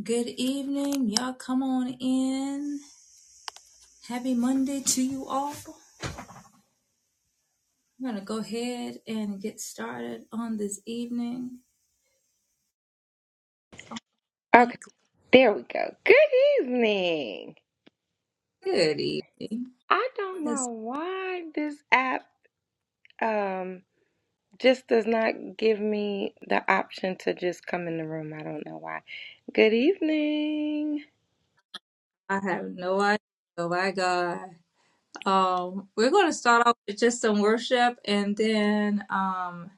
Good evening. Y'all come on in. Happy Monday to you all. I'm going to go ahead and get started on this evening. Okay, Like, there we go. Good evening. good evening. I don't know This- why this app um just does not give me the option to just come in the room. I don't know why. Good evening. I have no idea. Oh my God. Um, we're going to start off with just some worship and then um,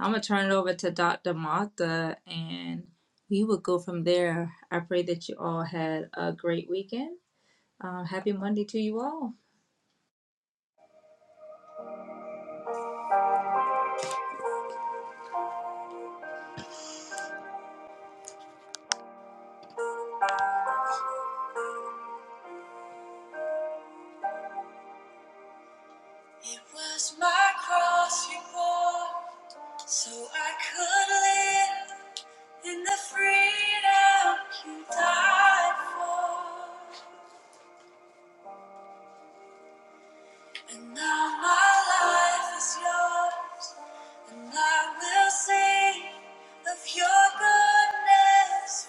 I'm going to turn it over to Dr. Martha and we will go from there. I pray that you all had a great weekend. Um, happy Monday to you all. It was my cross you bore, so I could live in the freedom you died for. And now my life is yours, and I will sing of your goodness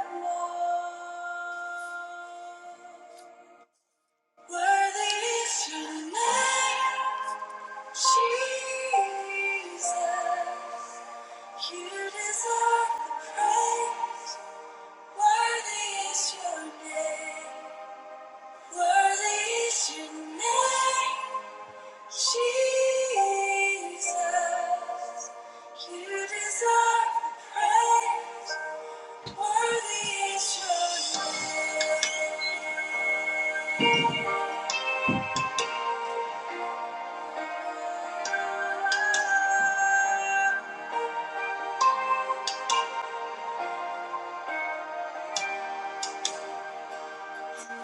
forevermore. Worthy is your name. Jesus, you deserve the praise. Worthy is your name. Worthy is your name. Jesus, you deserve the praise. Worthy is your name.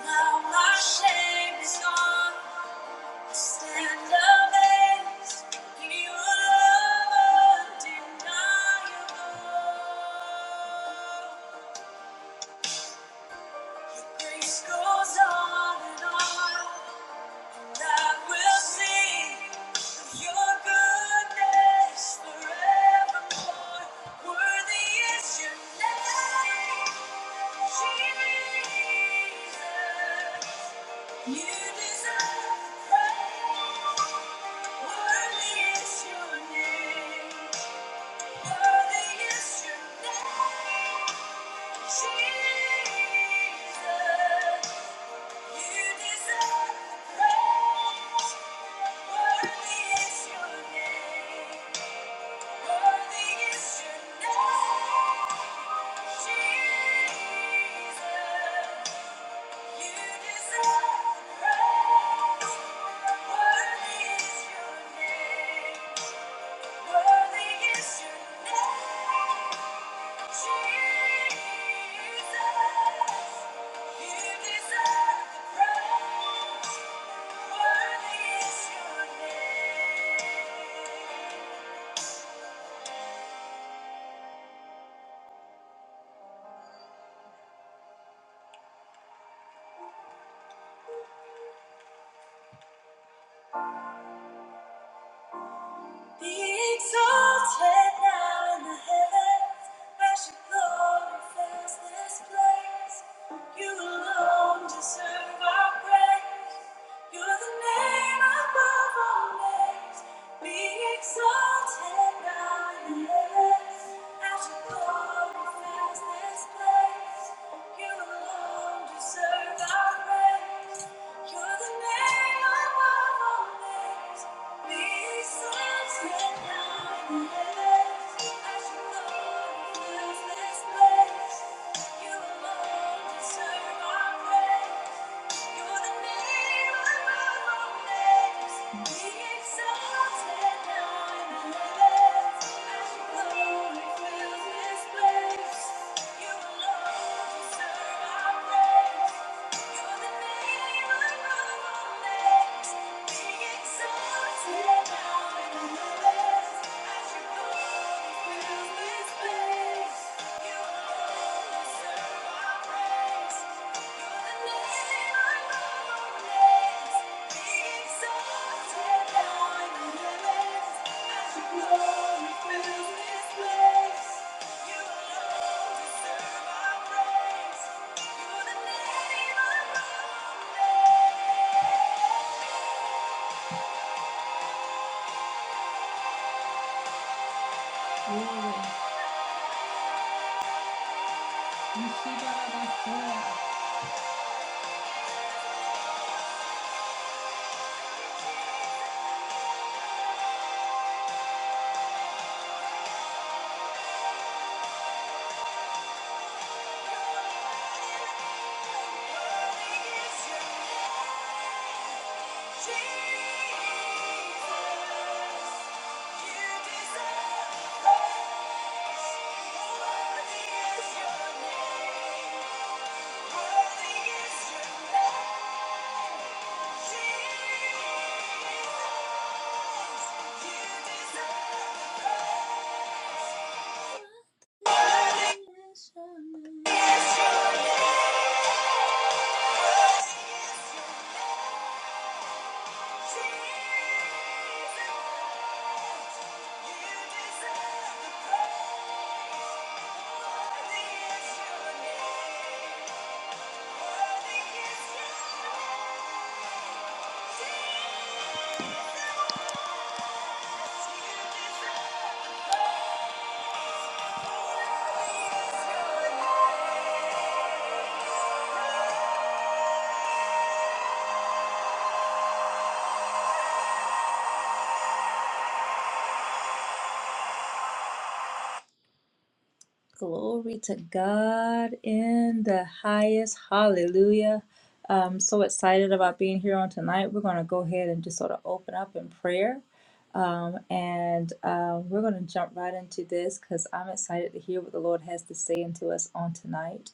Now my shame is gone. Stand amazed, you are undeniable. Your grace goes on and on, and I will sing of your goodness forevermore. Worthy is your name, Jesus. You deserve praise. Worthy is Thank you. Worthy is Thank you. Be exalted now in the heavens, as your glory fills this place. You alone deserve our praise. You're the name above all names. Be exalted now in the heavens, as your glory fills praise. you be exalted now in the Thank you. go. Glory. You see that about prayer. Thank you. Thank you. Glory to God in the highest. Hallelujah. I'm so excited about being here on tonight. We're going to go ahead and just sort of open up in prayer. Um, and uh, we're going to jump right into this because I'm excited to hear what the Lord has to say into us on tonight.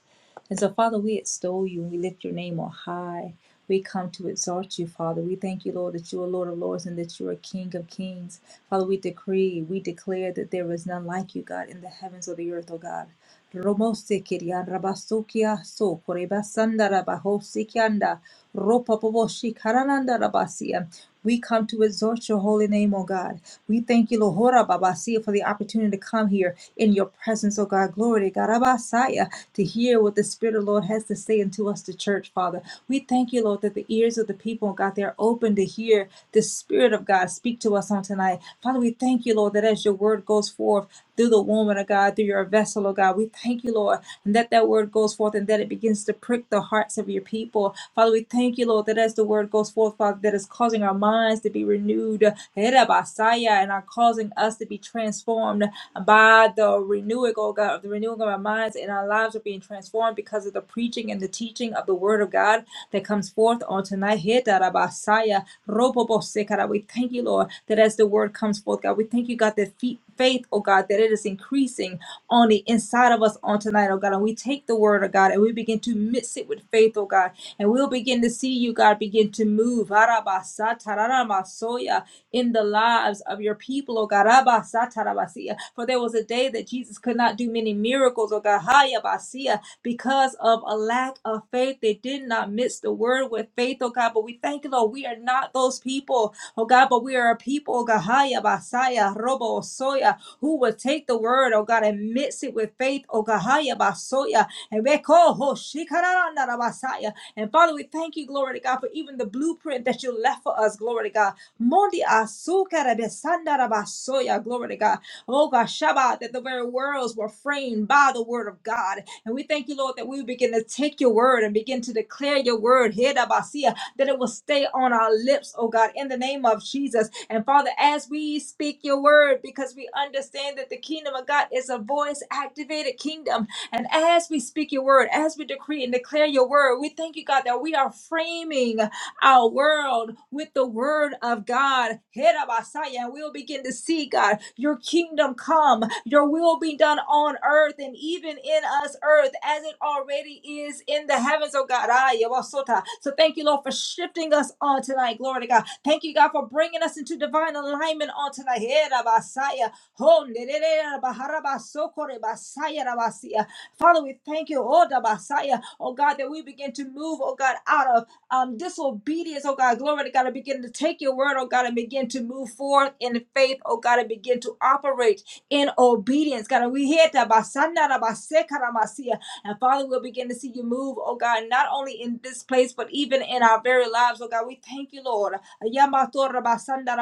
And so, Father, we extol you and we lift your name on high. We come to exalt you, Father. We thank you, Lord, that you are Lord of Lords and that you are King of Kings. Father, we decree, we declare that there is none like you, God, in the heavens or the earth, O God. Romosekiria rabasukia so korebasanda rabahosekianda Ropapoboshi karananda rabasia. We come to exalt your holy name, O God. We thank you, Lohora Babasia, for the opportunity to come here in your presence, O God. Glory to God, Rabasaya, to hear what the Spirit of the Lord has to say unto us, the church, Father. We thank you, Lord, that the ears of the people, O God, they are open to hear the Spirit of God. God, speak to us on tonight. Father, we thank you, Lord, that as your word goes forth through the woman of God, through your vessel, oh God, we thank you, Lord, and that that word goes forth and that it begins to prick the hearts of your people. Father, we thank you, Lord, that as the word goes forth, Father, that is causing our minds to be renewed, eh, basaya, and are causing us to be transformed by the renewing, oh God, of the renewing of our minds and our lives are being transformed because of the preaching and the teaching of the word of God that comes forth on tonight. Hetarabasaya, robobosekara. We thank you, Lord, that as the word comes forth, God, we thank you, God, that fe- faith, oh God, that it is increasing on the inside of us on tonight, oh God. And we take the word of God and we begin to mix it with faith, oh God. And we'll begin to see you, God, begin to move Arabasa, tararamasoya, in the lives of your people, oh God. Arabasa, tarabasiya. For there was a day that Jesus could not do many miracles, oh God, hayabasiya, because of a lack of faith. They did not miss the word with faith, oh God. But we thank you, Lord, we are not those people, oh God, but we are a people, oh God, hayabasaya, robo soya, who will take the word, oh God, and mix it with faith, oh God, hayabasoya, and we call, oh, shikaranda, rabasaya. And Father, we thank you, glory to God, for even the blueprint that you left for us, glory to God. Mondi asukara besandarabasoya, glory to God. Oh God, Shabbat, that the very worlds were framed by the word of God. And we thank you, Lord, that we begin to take your word and begin to declare your word, Hidabasia, that it will stay on our lips, oh God, in the name of Jesus. And Father, as we speak your word, because we understand that the kingdom of God is a voice activated kingdom, and as we speak your word, as we decree and declare your word, we thank you, God, that we are framing our world with the word of God. Herabasaya, And we'll begin to see, God, your kingdom come, your will be done on earth and even in us, earth, as it already is in the heavens, oh God. Aya wasota. So thank you, Lord, for shifting us on tonight. Glory to God. Thank you, God, for bringing us into divine alignment on tonight. Herabasaya. Ho nerere rabaharabasokore basaya rabasia. Father, we thank you, oh, the Messiah, oh God, that we begin to move, oh God, out of um, disobedience, oh God, glory to God, and begin to take your word, oh God, and begin to move forth in faith, oh God, and begin to operate in obedience, God. And we hear that, Basanda, da Baseka, Masia. and Father, we'll begin to see you move, oh God, not only in this place, but even in our very lives, oh God. We thank you, Lord, Yamato, da Basanda,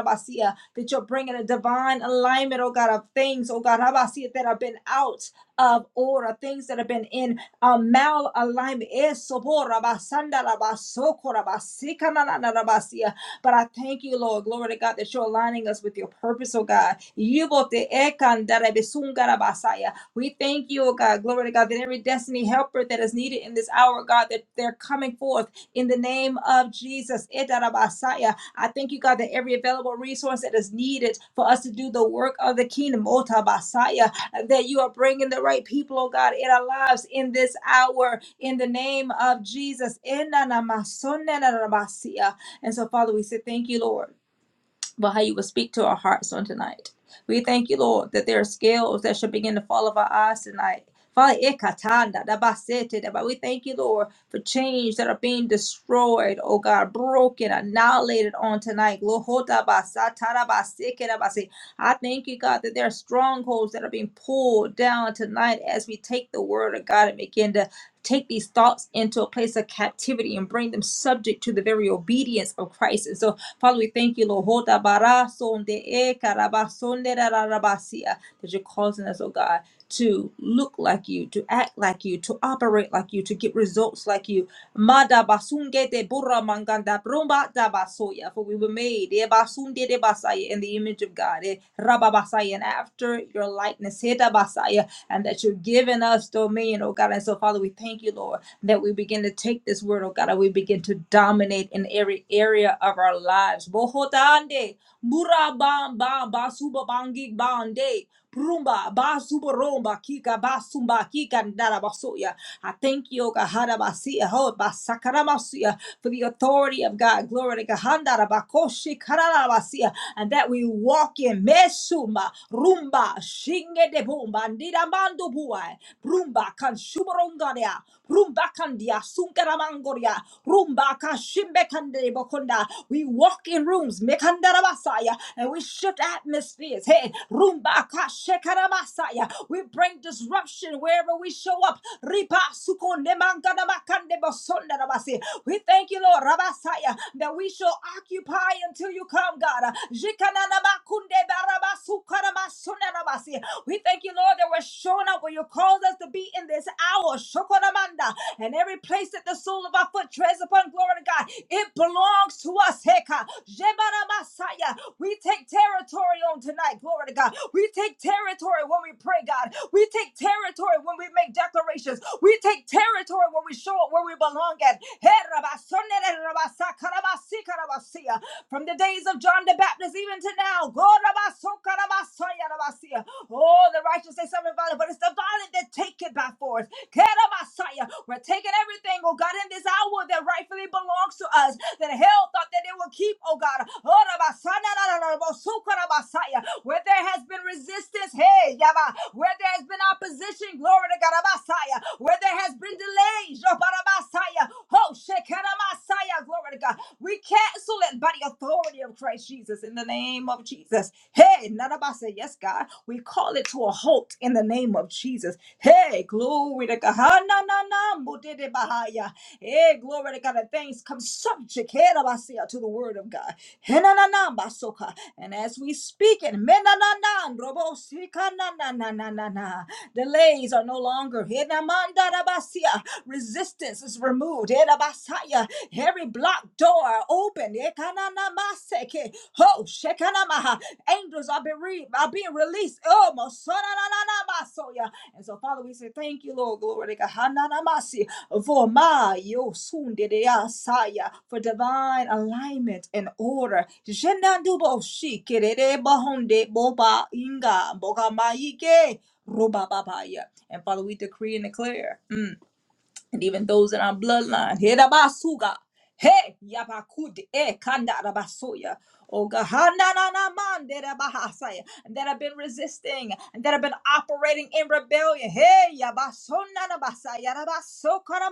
that you're bringing a divine alignment, oh God, of things, oh God, Rabasia, that have been out of order, things that have been in um, malalignment. Eh, sobora basanda la basokora basika na na na na basia. But I thank you, Lord, glory to God, that you're aligning us with your purpose, oh God. Yibote ekandara besungara basaya. We thank you, oh God, glory to God, that every destiny helper that is needed in this hour, God, that they're coming forth in the name of Jesus. Etara basaya. I thank you, God, that every available resource that is needed for us to do the work of the kingdom, that you are bringing the right people, oh God, in our lives in this hour, in the name of Jesus. And so, Father, we say thank you, Lord but how you will speak to our hearts on tonight. We thank you, Lord, that there are scales that should begin to fall off our eyes tonight. Father, ikatanda, dabasete, daba- we thank you, Lord, for change that are being destroyed, oh God, broken, annihilated on tonight. Lohotaba, satarabaseke, dabase. I thank you, God, that there are strongholds that are being pulled down tonight as we take the word of God and begin to take these thoughts into a place of captivity and bring them subject to the very obedience of Christ. And so Father, we thank you, Lord. Hoda bara sonde e karaba sonde ra ra ra basia. That you're causing us, oh God, to look like you, to act like you, to operate like you, to get results like you. Mada basunge de burra manganda brumba da basoya. For we were made e basunde de basaya in the image of God. E raba basaya, and after your likeness. Heda basaya. And that you're giving us dominion, oh God. And so, Father, we thank you, Lord that we begin to take this word, oh God, and we begin to dominate in every area of our lives. Bohotande, burabam, bam, basuba, bangi, bande. Rumba basuboromba kika basumba kika ndarabasuya. I thank you, O God, Hadabasiya, Ho, Basakarabasiya, for the authority of God. Glory to God. Handarabakoshi kararabasiya. And that we walk in Mesuma Rumba Shinge de Bumba Ndiramando Buai Rumba Kansuborongaria Rumba Kandia Sunkaramangoria Rumba Bakashimbekandelebokunda. We walk in rooms, mekandarabasaya, and we shift atmospheres. Hey, rumbakashekaramasaya. we bring disruption wherever we show up. Ribasukonemanganamakandebosondarabasi. We thank you, Lord, Rabasaya, that we shall occupy until you come, God. Jikananamakundebarabasukaramasunarabasi. We thank you, Lord, that we're showing up where you called us to be in this hour. Shokoramanda. And every place that the sole of our foot treads upon glory to God, it belongs to us. Heka. Jebaramasaya. We take territory on tonight. Glory to God. We take territory when we pray, God. We take territory when we make declarations. We take territory when we show up where we belong at. Hey, Rabasonere, Rabasakarabasi, Karabasia. From the days of John the Baptist even to now. Go, Rabasokarabasaya, Rabasia. Oh, the righteous say something violent, but it's the violent that take it by force. Kedamasaya. We're taking everything, oh God, in this hour that rightfully belongs to us, that hell thought that it would keep, oh God. Oh, Rabasaya. Where there has been resistance, hey, Yaba. Where there has been opposition, glory to God, Rabasaya. Where there has been delays, Rabasaya. Oh, Shekeramasaya, glory to God. We cancel it by the authority of Christ Jesus in the name of Jesus. Hey, Say Yes, God. We call it to a halt in the name of Jesus. Hey, glory to God. Ha, Na na na mudede bahaya. Hey, glory to God. And things come subject hey, Rabasa, to the word of God. He, na na na basoka. And as we speak it, me, na na na robosika, na na na na na na. Delays are no longer. He, na man, da, da, basia. Resistance is removed. He, da, basaya. Every blocked door are open. Ekananamaseke. Oh, shekanamaha. Angels are being, re- are being released. Oh, mosonananamasoya. And so, Father, we say thank you, Lord. Glory to God. Hananamasi. For my yosundedeasaya. for divine alignment and order. Jenandubo shikerere bahonde boba inga boga maike bogamayike robababaya. And Father, we decree and declare and even those in our bloodline. Hedabasuga. Hey, yabakude, eh, kanda rabasuya. Oh God, ha, na, na, na, man, that have been resisting, and that have been operating in rebellion. Hey, yabasona na basaya, rabasoka na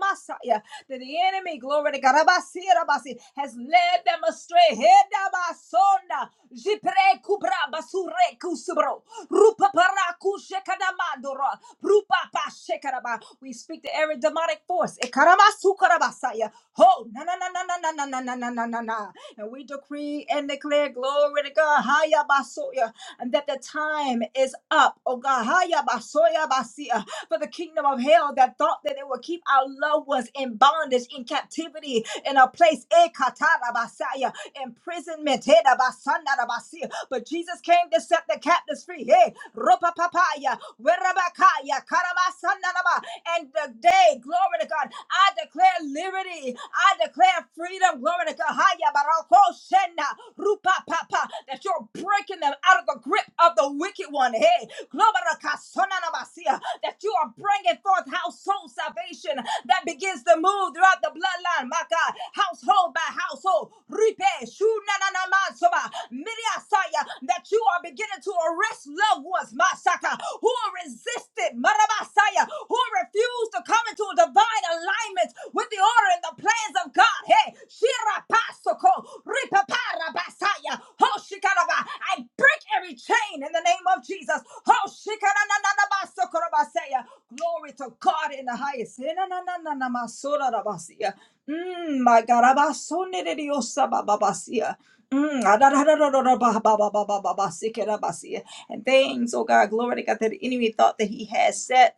that the enemy, glory to God, rabasi, rabasi, has led them astray. Hedabasona, jipre kubra basure kusubro. Rupa paraku shekanamadora. Rupa pa shekaraba. We speak to every demonic force. Ekaramasu karabasaya. Ho, na na na na na na na na na na na na. And we decree and declare glory to God. Haya basoya. And that the time is up. Oh God, haya basoya basia. For the kingdom of hell that thought that it would keep our loved ones in bondage, in captivity, in a place. Ekatara basaya imprisonment. Hey, da ba san da da ba si. But Jesus came to set the captives free. Hey, ropa papaya, werabakaya, karabasandaba. And today, glory to God, I declare liberty. I declare freedom. Glory to God. Haya barako shena, rupa papa. That you're breaking them out of the grip of the wicked one. Hey, glory to God. sonanabasi that you are bringing forth household salvation that begins to move throughout the bloodline, my God, household by household. Ripe, shunananamansoba, miriasaya, That you are beginning to arrest loved ones, my Saka, who are resistant, marabasaya, who refuse to come into a divine alignment with the order and the plans of God. Hey, shirapasoko, Ripaparabasaya. Oh, shikaraba. I break every chain in the name of Jesus. Oh, shikarabasaya. Glory to God in the highest. Enananananamasorarabasiya. Mm, my God. Abasoneridiosabababasiya. Mm, adadadadadadababababababasikerabasiya. And things, oh God, glory to God, that the enemy thought that he had set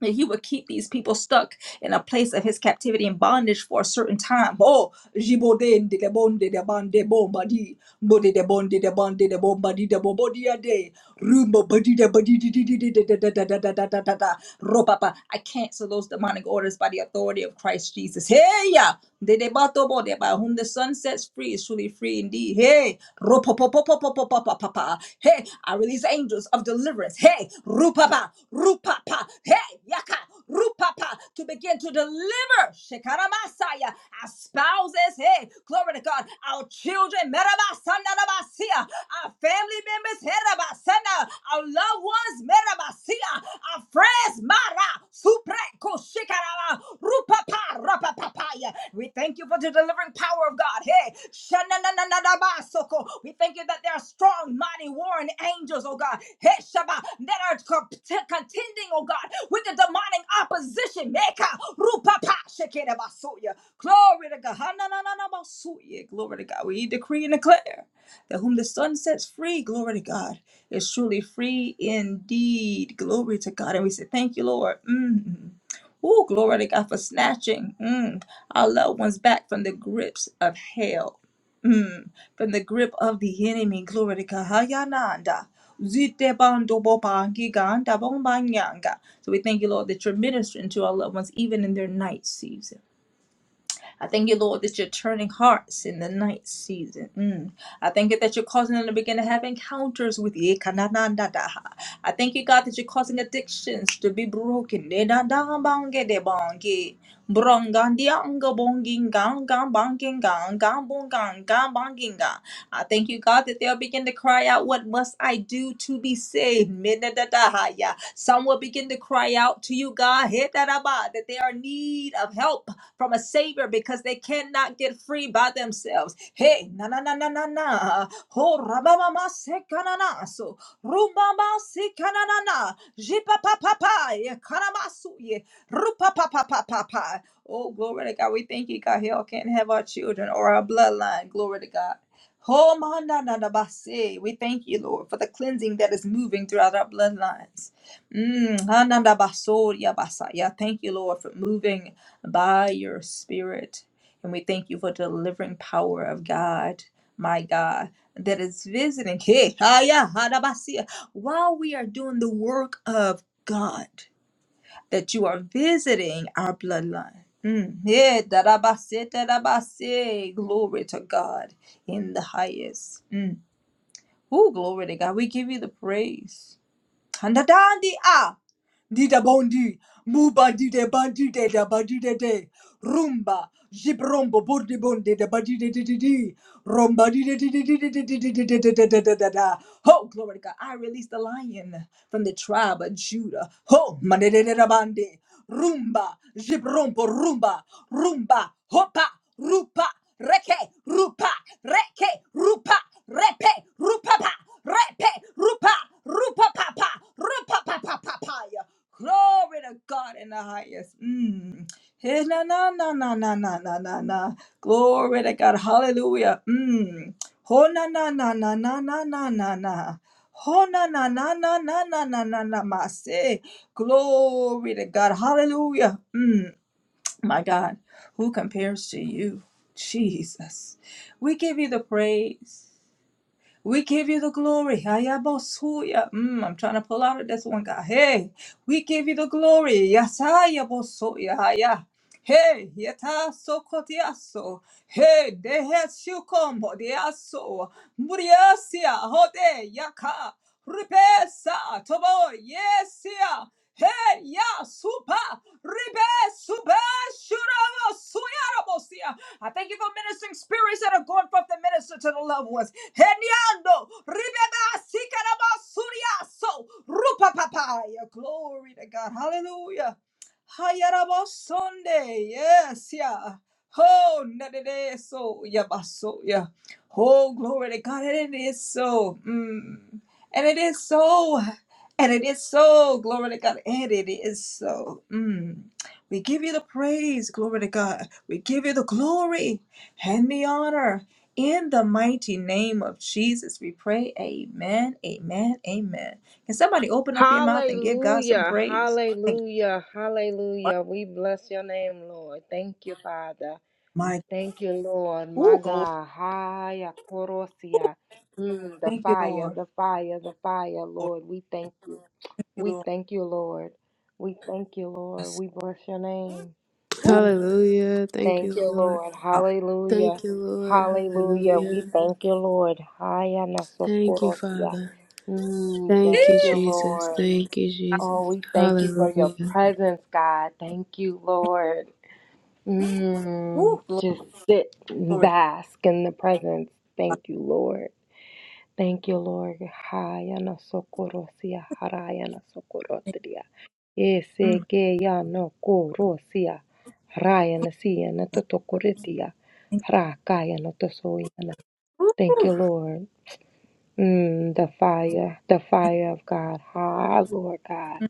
that he would keep these people stuck in a place of his captivity and bondage for a certain time. Oh, jibode de de bon de de bon de bon body, body de bon de de bon de de bon body de bon body a day, rumbo body de body de de de de de de de de de de de de de Ropapa. I cancel those demonic orders by the authority of Christ Jesus. Hey ya, de de bato bo de ba. Whom the sun sets free is truly free indeed. Hey, ropopopopopopopopopapa. Hey, I release angels of deliverance. Hey, rupapa, rupapa. Hey, yaka, rupapa. To begin to deliver. Shekaramasaya. Our spouses. Hey, glory to God. Our children. Merabasanarabasia. Our family members. Herabasana. Our loved ones. Merabasia. Our friends. Mara. Supreko shikaraba, rupapa, rapapapaya. We thank you for the delivering power of God. Hey, shananananabasoko. we thank you that there are strong, mighty, warring angels, oh God. Hey, Shaba, that are co- t- contending, oh God, with the demonic opposition. Meka, rupapa, shikirabasuya. Glory to God. Hananananabasuya. Glory to God. We decree and declare that whom the Son sets free, glory to God, is truly free indeed. Glory to God. And we say, Thank you, Lord. Mm. Ooh, glory to God for snatching mm, our loved ones back from the grips of hell, mm, from the grip of the enemy. Glory to God. Hayananda. Zite bando boba giganda bomba nyanga. So we thank you, Lord, that you're ministering to our loved ones even in their night season. I thank you, Lord, that you're turning hearts in the night season. Mm. I thank you that you're causing them to begin to have encounters with you. Kananandadaha. I thank you, God, that you're causing addictions to be broken. Nedadabangedebonge. Brongandiangabongingangambangingangangbongangambangingang. I thank you, God, that they'll begin to cry out, What must I do to be saved? Minadadahaya. Some will begin to cry out to you, God, Hetaraba, that they are in need of help from a savior because they cannot get free by themselves. Hey, na na na na na na. Ho rabama sekanana so rumama sekanana jipa pa pa pa ye kanamasu ye rupa pa pa pa pa pa. Oh, glory to God. We thank you, God. Hell can't have our children or our bloodline. Glory to God. Oh, ma na na na ba We thank you, Lord, for the cleansing that is moving throughout our bloodlines. Mm, ha na na ba so Thank you, Lord, for moving by your spirit. And we thank you for the delivering power of God, my God, that is visiting Hey, haya, hadabasia, while we are doing the work of God, that you are visiting our bloodline. Mm, yeah, dadabasi, dadabasi. Glory to God in the highest. Mm. Oh, glory to God. We give you the praise. Handadandi a Dida bondi Muba dide bandi de da bandi de de Rumba Jibrombo bondi bondi da bandi de de de de Rumba di de de de de de de de de de de de de de de da Ho glory to God I release the lion from the tribe of Judah Ho mande de de da bandi Rumba Jibrombo rumba rumba Hopa rupa reke rupa reke rupa repe rupa pa repe rupa rupa papa Rupapapapapaya. Glory to God in the highest. Mm. Hey, na, na, na, na, na, na, na, na, na. Glory to God. Hallelujah. Mm. Ho, na, na, na, na, na, na, na, na, na. Ho, na, na, na, na, na, na, na, na, na, ma, say. Glory to God. Hallelujah. Mm. My God, who compares to you? Jesus. We give you the praise. We give you the glory. Hayabasuya. Mm, I'm trying to pull out of this one, God. Hey, we give you the glory. Yasaya bosuya. Haya. Hey, yata sokotiaso. Hey, deheshukom hodiaso. Muriasia hode yaka. Ripesa tobo yesia. Hey, ya supa. Ribe supa shuramo suyarabosia. I thank you for ministering spirits that are going forth to minister to the loved ones. Hey, Ando, Ribeba, Sikaraba, Suriaso, Rupa Papaya. Glory to God. Hallelujah. Hayaraba Sunday. Yes, yeah. Oh, nadede so yabaso yeah. Oh, glory to God. And it is so. Mm. And it is so. And it is so. Glory to God. And it is so. Mm. We give you the praise. Glory to God. We give you the glory and the honor. In the mighty name of Jesus, we pray. Amen. Amen. Amen. Can somebody open up your mouth and give God some Hallelujah, praise? My hallelujah, God. hallelujah. We bless your name, Lord. Thank you, Father. My Thank you, Lord. My Ooh, glory. God. Haya Ooh, korosia. Mm, the thank you, fire, Lord. the fire, the fire, Lord, Lord. We thank you. Thank We you, Lord. thank you, Lord. We thank you, Lord. Yes. We bless your name. ooh, Mm, Hallelujah. Thank you, Thank you, Lord. Lord. glory. Hallelujah. Thank you, Lord. Hallelujah. We Hallelujah. thank you, Lord. Haya Thank you, nasokorosia. Father. Mm, Thank Thank you, you, Jesus. Lord. Thank you, Jesus. Oh, we thank you for your Hallelujah. presence, God. Thank you, Lord. Mm, Ooh, glory. just sit and Lord, bask in the presence. Thank you, Lord. Thank you, Lord. Haya na sokorosia, haraya na sokorotia. Ese Mm. que ya no korosia, haraya na siya na totokoritia, thank you. harakaya na tosoyana. Thank you, Ooh. Lord. Mm, the fire, the fire of God. Ha, Lord God.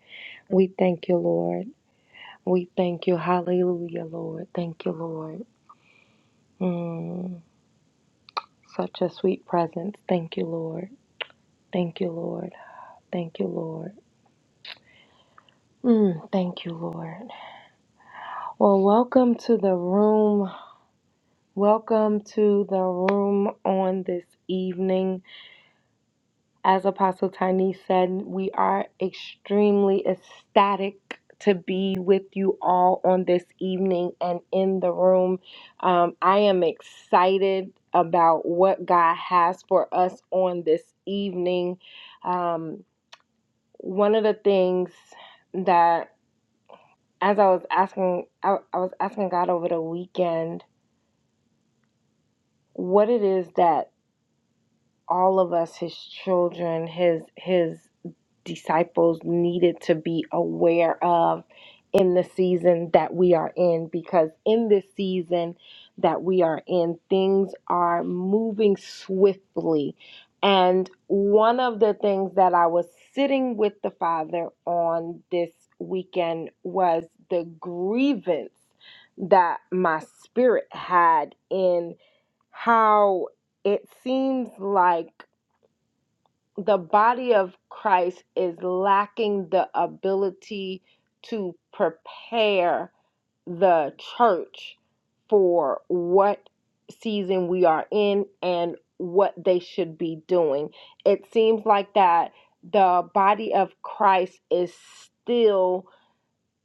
We thank you, Lord. We thank you. Hallelujah, Lord. Thank you, Lord. Mm. Such a sweet presence. Thank you, Lord. Thank you, Lord. Thank you, Lord. Mm, thank you, Lord. Well, welcome to the room. Welcome to the room on this evening. As Apostle Tiny said, we are extremely ecstatic to be with you all on this evening and in the room. Um, I am excited about what God has for us on this evening. Um, one of the things that as I was asking I, I was asking God over the weekend what it is that all of us his children his his disciples needed to be aware of in the season that we are in because in this season that we are in things are moving swiftly and one of the things that I was sitting with the father on this weekend was the grievance that my spirit had in how it seems like the body of Christ is lacking the ability to prepare the church for what season we are in and what they should be doing. It seems like that the body of Christ is still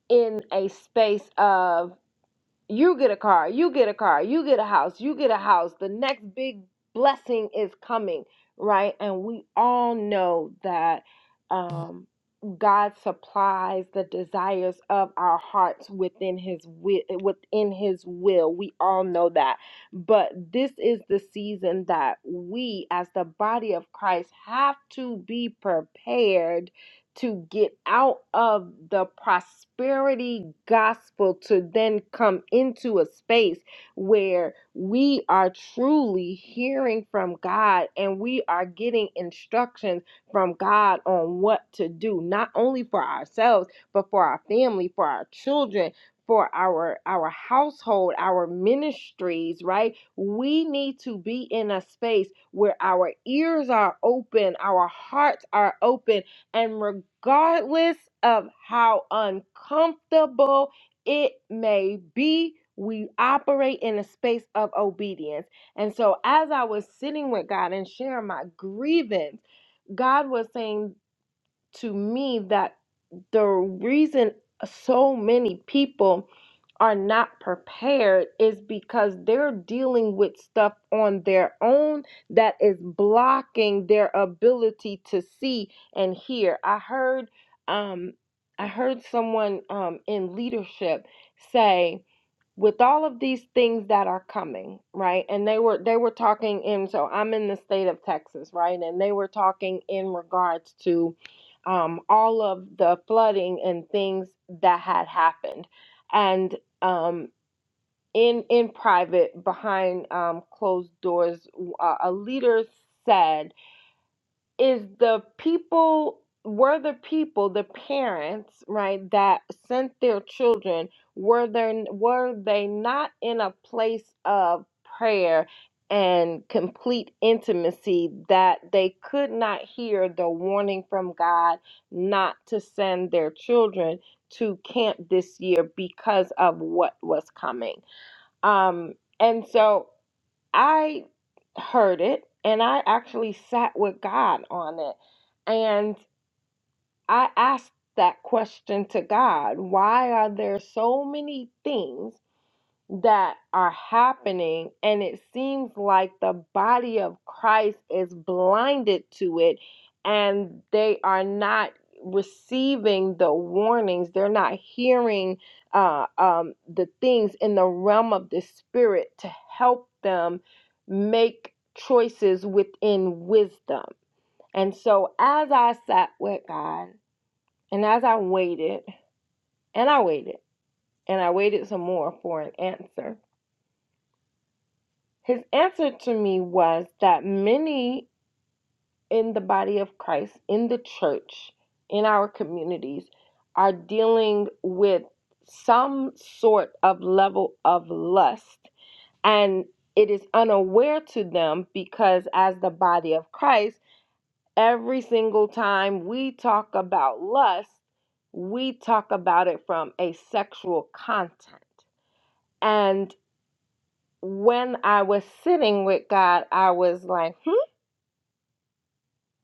in a space of you get a car, you get a car, you get a house, you get a house. The next big blessing is coming, right? And we all know that um, God supplies the desires of our hearts within His wi- within His will. We all know that, but this is the season that we, as the body of Christ, have to be prepared to get out of the prosperity gospel to then come into a space where we are truly hearing from God and we are getting instructions from God on what to do, not only for ourselves, but for our family, for our children. For our our household, our ministries, right? We need to be in a space where our ears are open, our hearts are open, and regardless of how uncomfortable it may be, we operate in a space of obedience. And so, as I was sitting with God and sharing my grievance, God was saying to me that the reason so many people are not prepared is because they're dealing with stuff on their own that is blocking their ability to see and hear. I heard um I heard someone um in leadership say with all of these things that are coming, right? And they were they were talking in so I'm in the state of Texas, right? And they were talking in regards to um, all of the flooding and things that had happened, and um, in in private behind um, closed doors, uh, a leader said is the people were the people the parents right that sent their children were there were they not in a place of prayer and complete intimacy that they could not hear the warning from God not to send their children to camp this year because of what was coming um and so I heard it and I actually sat with God on it. And I asked that question to God why are there so many things? that are happening, and it seems like the body of Christ is blinded to it and they are not receiving the warnings, they're not hearing uh, um, the things in the realm of the spirit to help them make choices within wisdom. And so, as I sat with God and as I waited, and I waited, and I waited some more for an answer His answer to me was that many in the body of Christ, in the church, in our communities, are dealing with some sort of level of lust. And it is unaware to them because, as the body of Christ, every single time we talk about lust, we talk about it from a sexual content. And when I was sitting with God, I was like, hmm,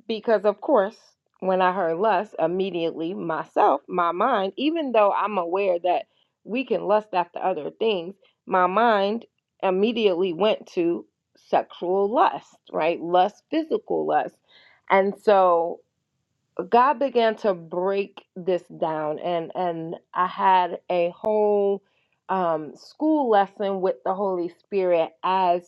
Because, of course, when I heard lust, immediately myself, my mind, even though I'm aware that we can lust after other things, my mind immediately went to sexual lust, right? Lust, physical lust. And so God began to break this down, and, and I had a whole um, school lesson with the Holy Spirit as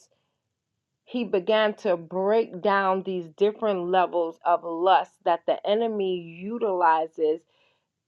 he began to break down these different levels of lust that the enemy utilizes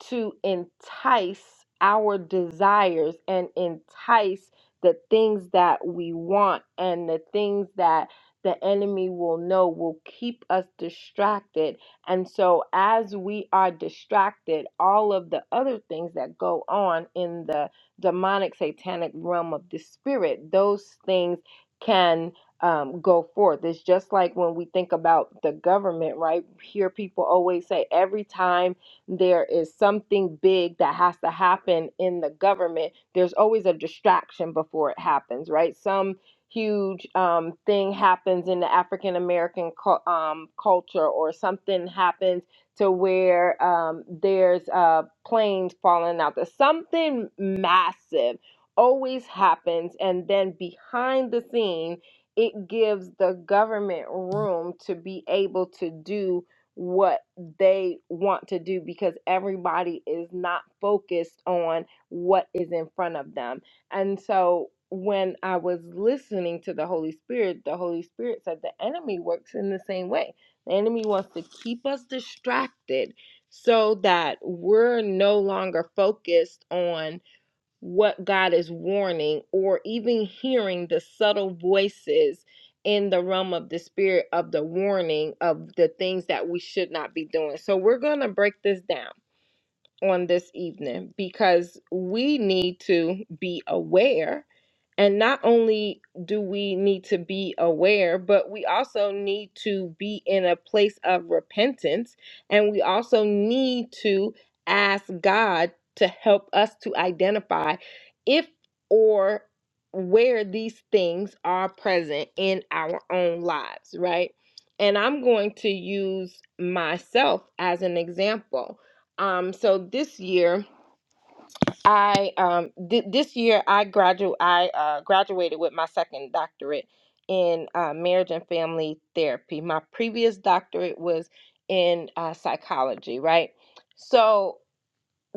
to entice our desires and entice the things that we want and the things that the enemy will know will keep us distracted. And so, as we are distracted, all of the other things that go on in the demonic, satanic realm of the spirit, those things can um, go forth. It's just like when we think about the government, right? Here, people always say every time there is something big that has to happen in the government, there's always a distraction before it happens, right? Some huge um, thing happens in the African American cu- um, culture, or something happens to where um, there's uh, planes falling out. There's something massive always happens, and then behind the scene, it gives the government room to be able to do what they want to do because everybody is not focused on what is in front of them. And so when I was listening to the Holy Spirit, the Holy Spirit said the enemy works in the same way. The enemy wants to keep us distracted so that we're no longer focused on what God is warning or even hearing the subtle voices in the realm of the spirit of the warning of the things that we should not be doing. So we're going to break this down on this evening because we need to be aware. And not only do we need to be aware, but we also need to be in a place of repentance. And we also need to ask God to help us to identify if or where these things are present in our own lives, right? And I'm going to use myself as an example um, so this year, I um, thi- this year I gradu I uh, graduated with my second doctorate in uh, marriage and family therapy. My previous doctorate was in uh, psychology, right? So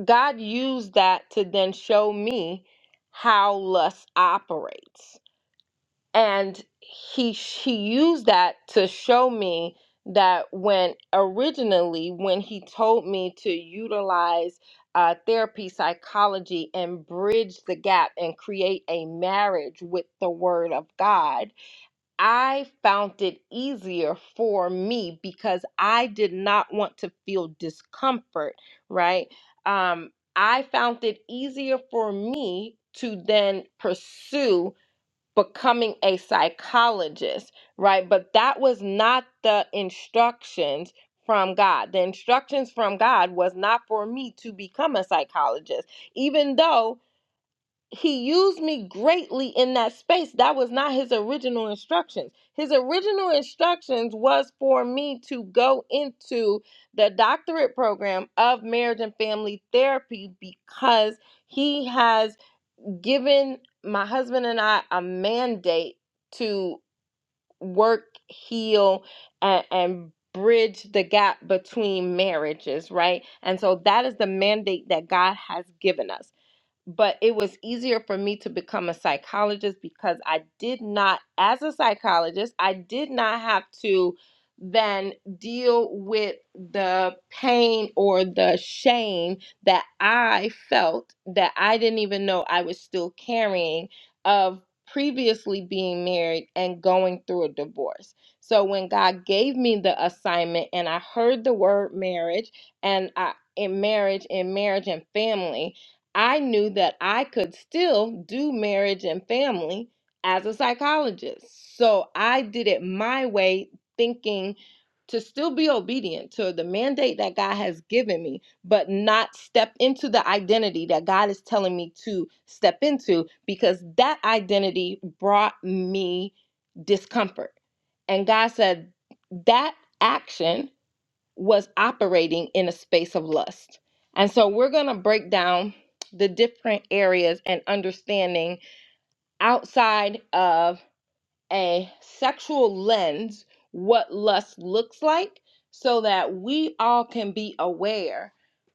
God used that to then show me how lust operates and he he used that to show me that when originally when he told me to utilize uh, therapy psychology and bridge the gap and create a marriage with the word of god i found it easier for me because i did not want to feel discomfort right um i found it easier for me to then pursue becoming a psychologist, right? But that was not the instructions from God. The instructions from God was not for me to become a psychologist, even though he used me greatly in that space. That was not his original instructions. His original instructions was for me to go into the doctorate program of marriage and family therapy because he has given my husband and I a mandate to work, heal, and, and bridge the gap between marriages, right? And so that is the mandate that God has given us but it was easier for me to become a psychologist because I did not, as a psychologist, I did not have to then deal with the pain or the shame that I felt that I didn't even know I was still carrying of previously being married and going through a divorce. So when God gave me the assignment and I heard the word marriage and I in marriage in marriage and family I knew that I could still do marriage and family as a psychologist. So I did it my way, thinking to still be obedient to the mandate that God has given me, but not step into the identity that God is telling me to step into because that identity brought me discomfort. And God said, That action was operating in a space of lust. And so we're going to break down the different areas and understanding outside of a sexual lens what lust looks like so that we all can be aware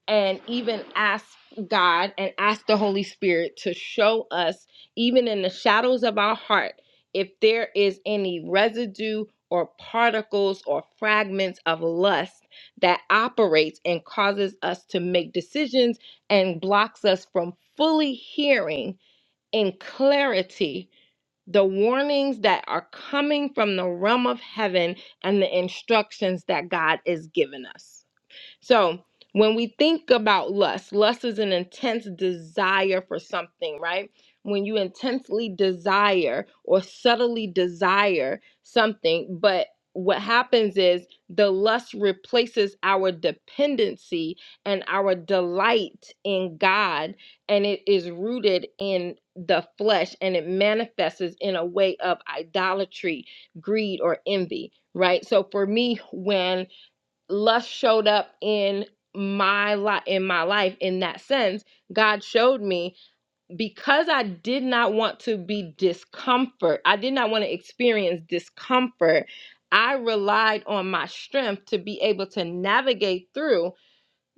and even ask God and ask the Holy Spirit to show us, even in the shadows of our heart, if there is any residue or particles or fragments of lust that operates and causes us to make decisions and blocks us from fully hearing in clarity the warnings that are coming from the realm of heaven and the instructions that God is giving us. So when we think about lust, lust is an intense desire for something, right? When you intensely desire or subtly desire something, but what happens is the lust replaces our dependency and our delight in God, and it is rooted in the flesh and it manifests in a way of idolatry, greed, or envy, right? So for me, when lust showed up in my life in my life in that sense god showed me because i did not want to be discomfort i did not want to experience discomfort i relied on my strength to be able to navigate through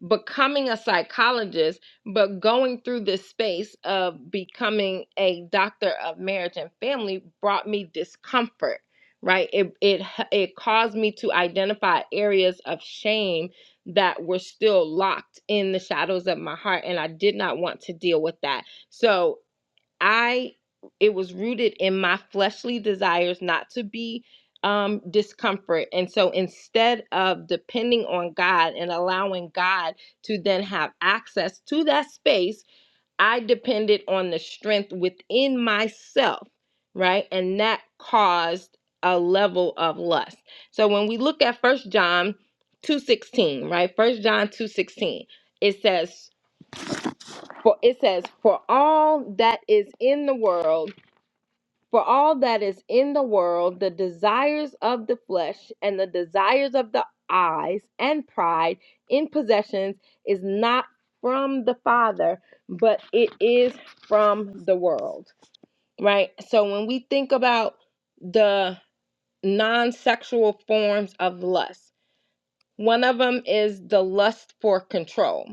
becoming a psychologist, but going through this space of becoming a doctor of marriage and family brought me discomfort, right? It it it caused me to identify areas of shame that were still locked in the shadows of my heart and I did not want to deal with that. So, I it was rooted in my fleshly desires not to be um discomfort. And so instead of depending on God and allowing God to then have access to that space, I depended on the strength within myself, right? And that caused a level of lust. So when we look at First John 2:16, right? First John 2:16, it says for it says for all that is in the world for all that is in the world, the desires of the flesh and the desires of the eyes and pride in possessions is not from the Father, but it is from the world. Right? So when we think about the non sexual forms of lust, one of them is the lust for control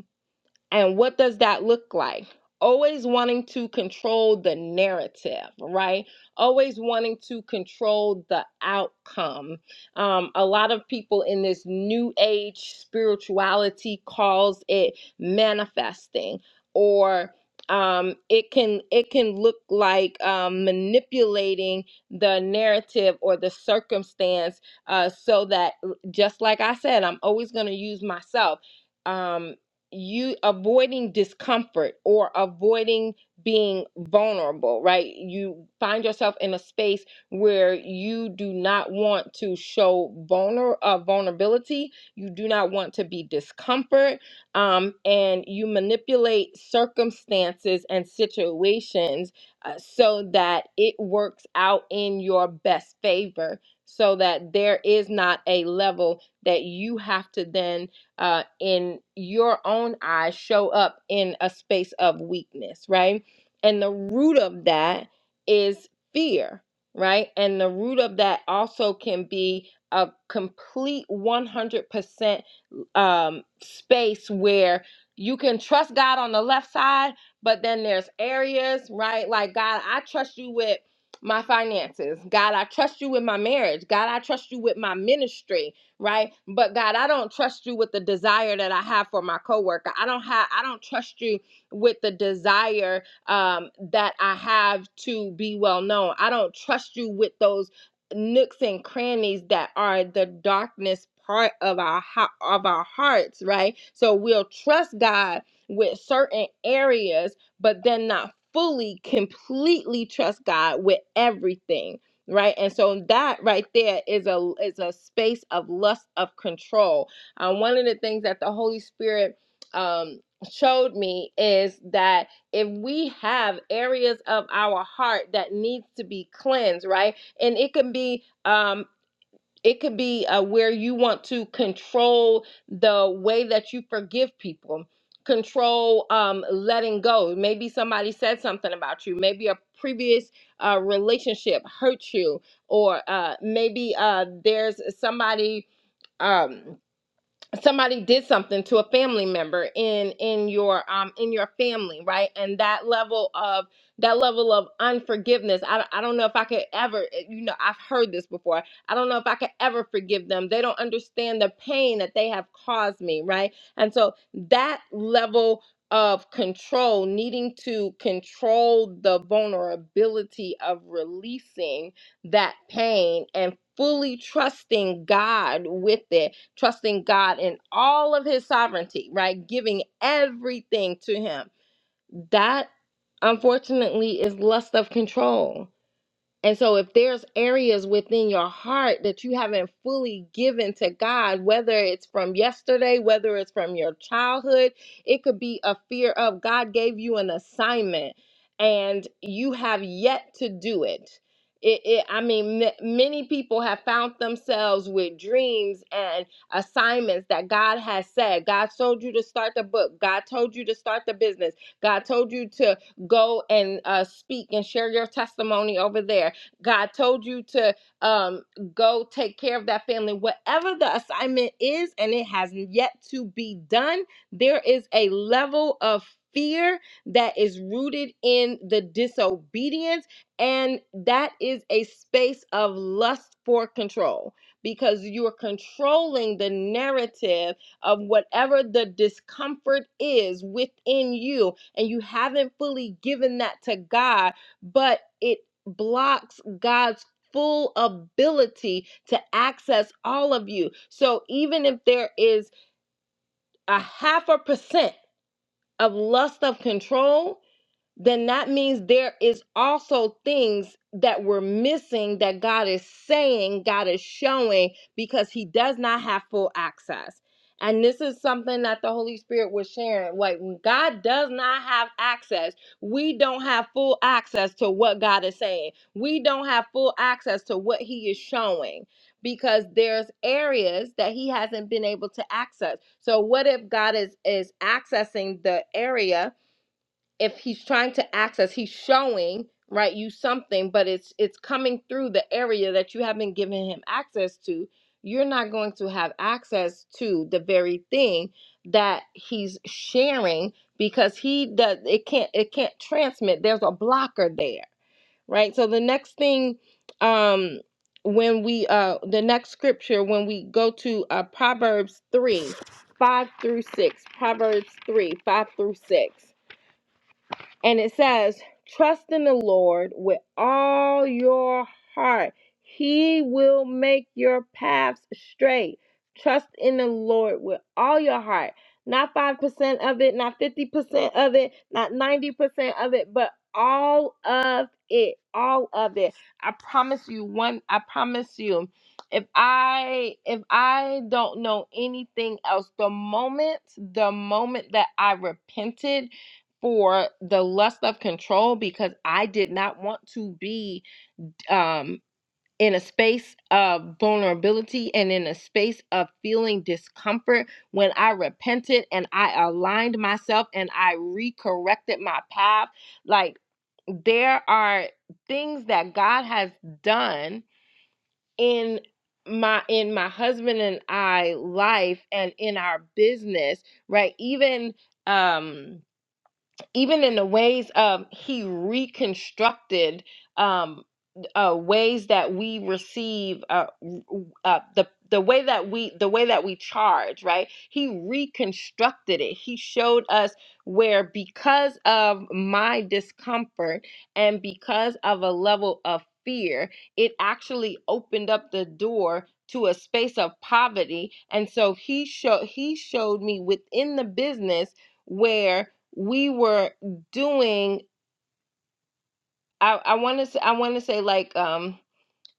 and what does that look like? Always wanting to control the narrative, right? Always wanting to control the outcome. Um, a lot of people in this new age spirituality calls it manifesting, or um, it can it can look like um, manipulating the narrative or the circumstance uh, so that, just like I said, I'm always going to use myself Um, you avoiding discomfort or avoiding being vulnerable, right? You find yourself in a space where you do not want to show vulner uh, vulnerability. You do not want to be discomfort, um, and you manipulate circumstances and situations uh, so that it works out in your best favor. So that there is not a level that you have to then uh, in your own eyes show up in a space of weakness, right? And the root of that is fear, right? And the root of that also can be a complete 100% um, space where you can trust God on the left side, but then there's areas, right? Like, God, I trust you with my finances. God, I trust you with my marriage. God, I trust you with my ministry right? But God, I don't trust you with the desire that I have for my coworker. I don't have I don't trust you with the desire um, that I have to be well known. I don't trust you with those nooks and crannies that are the darkness part of our of our hearts, right? So we'll trust God with certain areas, but then not fully, completely trust God with everything right and so that right there is a is a space of lust of control um, one of the things that the holy spirit um showed me is that if we have areas of our heart that needs to be cleansed right and it can be um, it could be uh, where you want to control the way that you forgive people control um, letting go maybe somebody said something about you maybe a previous uh, relationship hurt you or uh, maybe uh, there's somebody um, somebody did something to a family member in in your um in your family right and that level of that level of unforgiveness I, don't- I don't know if i could ever eh, you know i've heard this before i don't know if i could ever forgive them they don't understand the pain that they have caused me right and so that level of control needing to control the vulnerability of releasing that pain and fully trusting god with it trusting God in all of his sovereignty, right? Giving everything to him. That unfortunately is lust of control. And so, if there's areas within your heart that you haven't fully given to God, whether it's from yesterday, whether it's from your childhood, it could be a fear of God gave you an assignment and you have yet to do it. It, it, I mean, m- many people have found themselves with dreams and assignments that God has said. God told you to start the book. God told you to start the business. God told you to go and uh, speak and share your testimony over there God told you to um, go take care of that family. Whatever the assignment is, and it has yet to be done, there is a level of fear that is rooted in the disobedience, and that is a space of lust for control because you are controlling the narrative of whatever the discomfort is within you, and you haven't fully given that to God but it blocks God's full ability to access all of you. So even if there is a half a percent of lust of control, then that means there is also things that we're missing that God is saying, God is showing because he does not have full access. And this is something that the Holy Spirit was sharing. Like when God does not have access. We don't have full access to what God is saying. We don't have full access to what he is showing because there's areas that he hasn't been able to access. So what if God is is accessing the area if he's trying to access he's showing right you something but it's it's coming through the area that you haven't given him access to you're not going to have access to the very thing that he's sharing because he does it can't it can't transmit there's a blocker there right so the next thing um when we uh the next scripture when we go to uh proverbs 3 5 through 6 proverbs 3 5 through 6 and it says, Trust in the Lord with all your heart. He will make your paths straight. Trust in the Lord with all your heart. Not 5% of it, not 50% of it, not 90% of it, but all of it. All of it. I promise you one, I promise you. If I if I don't know anything else, the moment the moment that I repented for the lust of control because I did not want to be um, in a space of vulnerability and in a space of feeling discomfort when I repented and I aligned myself and I recorrected my path. Like, there are things that God has done in my in my husband and I life and in our business, right? Even um even in the ways of he reconstructed um, uh, ways that we receive uh, w- uh, the the way that we the way that we charge right he reconstructed it he showed us where because of my discomfort and because of a level of fear it actually opened up the door to a space of poverty and so he showed he showed me within the business where we were doing i i want to i want to say like um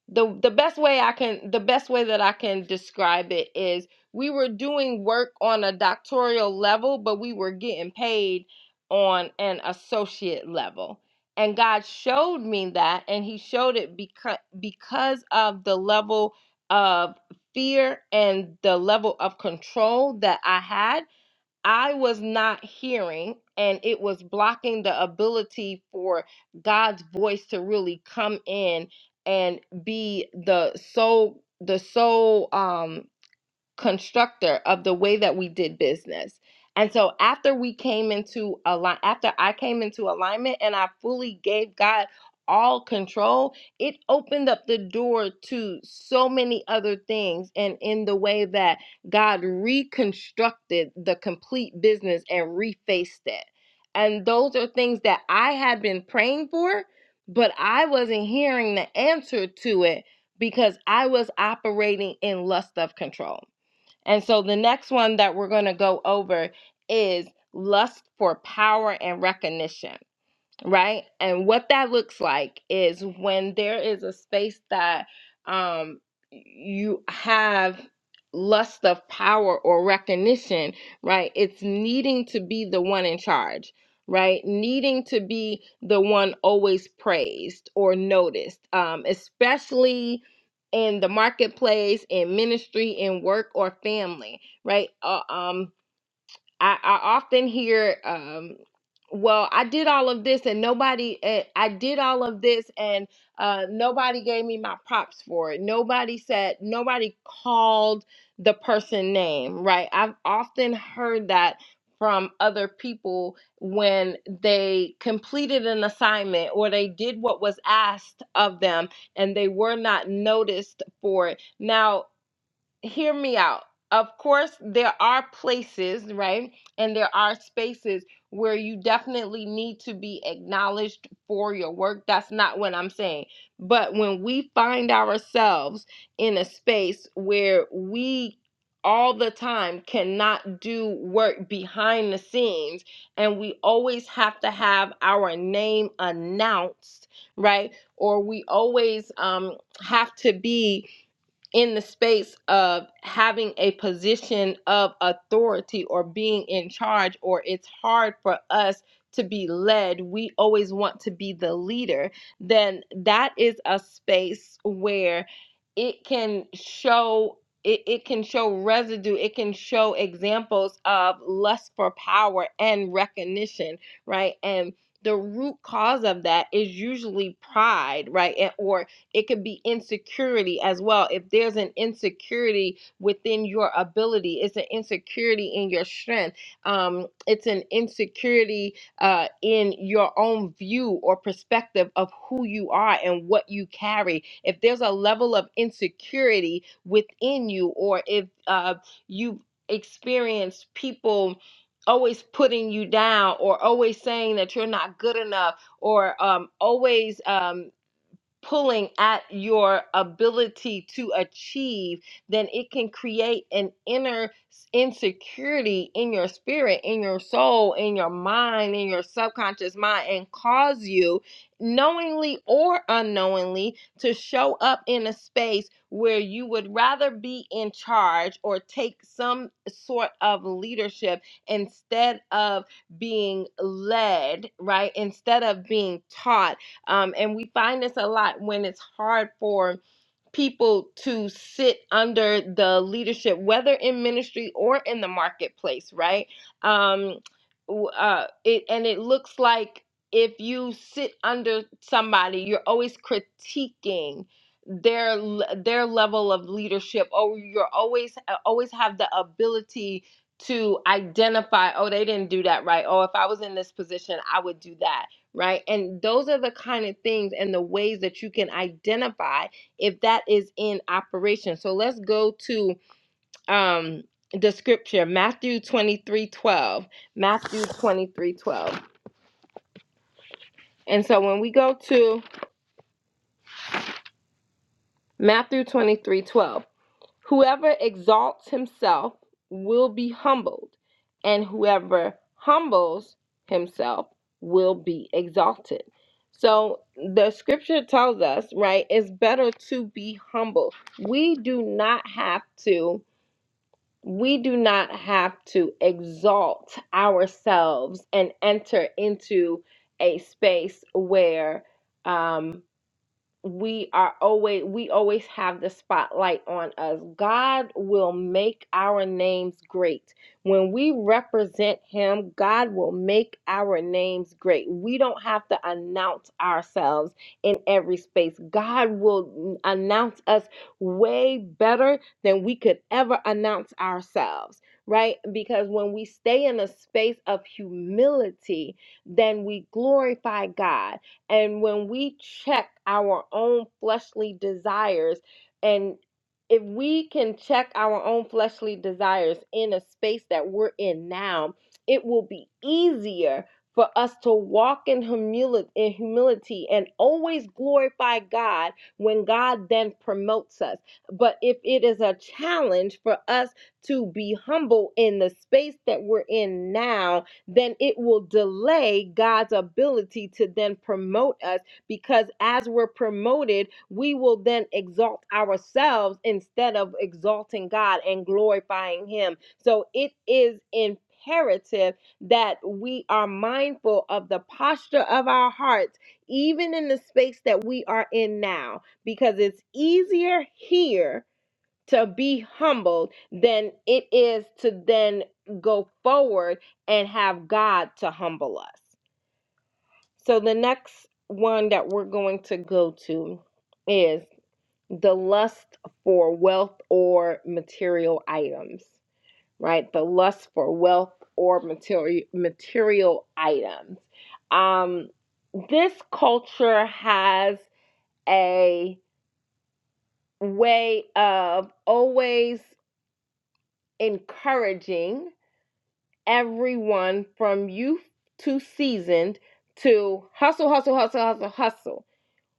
the the best way i can the best way that i can describe it is we were doing work on a doctoral level but we were getting paid on an associate level and god showed me that and he showed it because because of the level of fear and the level of control that i had I was not hearing, and it was blocking the ability for God's voice to really come in and be the sole the sole um constructor of the way that we did business. And so after we came into align after I came into alignment and I fully gave God all control, it opened up the door to so many other things and in the way that God reconstructed the complete business and refaced it. And those are things that I had been praying for, but I wasn't hearing the answer to it because I was operating in lust of control. And so the next one that we're going to go over is lust for power and recognition right? And what that looks like is when there is a space that um, you have lust of power or recognition, right? It's needing to be the one in charge, right? Needing to be the one always praised or noticed, um, especially in the marketplace, in ministry, in work, or family, right? Uh, um, I, I often hear, um, well, I did all of this and nobody, eh, I did all of this and uh, nobody gave me my props for it. Nobody said, nobody called the person name, right? I've often heard that from other people when they completed an assignment or they did what was asked of them and they were not noticed for it. Now, hear me out. Of course, there are places, right? And there are spaces where you definitely need to be acknowledged for your work. That's not what I'm saying. But when we find ourselves in a space where we all the time cannot do work behind the scenes and we always have to have our name announced, right? Or we always um have to be in the space of having a position of authority or being in charge, or it's hard for us to be led, we always want to be the leader, then that is a space where it can show. It, it can show residue. It can show examples of lust for power and recognition, right? And the root cause of that is usually pride, right? and- Or it could be insecurity as well. If there's an insecurity within your ability, it's an insecurity in your strength. Um, it's an insecurity uh, in your own view or perspective of who you are and what you carry. If there's a level of insecurity within you, or if uh, you've experienced people always putting you down or always saying that you're not good enough or um, always um pulling at your ability to achieve, then it can create an inner insecurity in your spirit, in your soul, in your mind, in your subconscious mind, and cause you, knowingly or unknowingly, to show up in a space where you would rather be in charge or take some sort of leadership instead of being led, right? Instead of being taught um, and we find this a lot when it's hard for people to sit under the leadership, whether in ministry or in the marketplace, right? Um, uh, it and it looks like if you sit under somebody, you're always critiquing their their level of leadership, or you're always uh, always have the ability to identify, oh, they didn't do that right. Oh, if I was in this position, I would do that, right? And those are the kind of things and the ways that you can identify if that is in operation. So let's go to um, the scripture, Matthew 23 12. Matthew 23 12. And so when we go to Matthew 23 12, whoever exalts himself will be humbled, and whoever humbles himself will be exalted. So the scripture tells us, right, it's better to be humble. We do not have to we do not have to exalt ourselves and enter into a space where um, we are always we always have the spotlight on us. God will make our names great. When we represent him, God will make our names great. We don't have to announce ourselves in every space. God will announce us way better than we could ever announce ourselves, right? Because when we stay in a space of humility, then we glorify God and when we check our own fleshly desires, and if we can check our own fleshly desires in a space that we're in now, it will be easier for us to walk in humility, in humility and always glorify God when God then promotes us. But if it is a challenge for us to be humble in the space that we're in now, then it will delay God's ability to then promote us because as we're promoted, we will then exalt ourselves instead of exalting God and glorifying Him. So it is imperative that we are mindful of the posture of our hearts, even in the space that we are in now, because it's easier here to be humbled than it is to then go forward and have God to humble us. So the next one that we're going to go to is the lust for wealth or material items, right? The lust for wealth or material material items. Um this culture has a way of always encouraging everyone from youth to seasoned to hustle, hustle, hustle, hustle, hustle.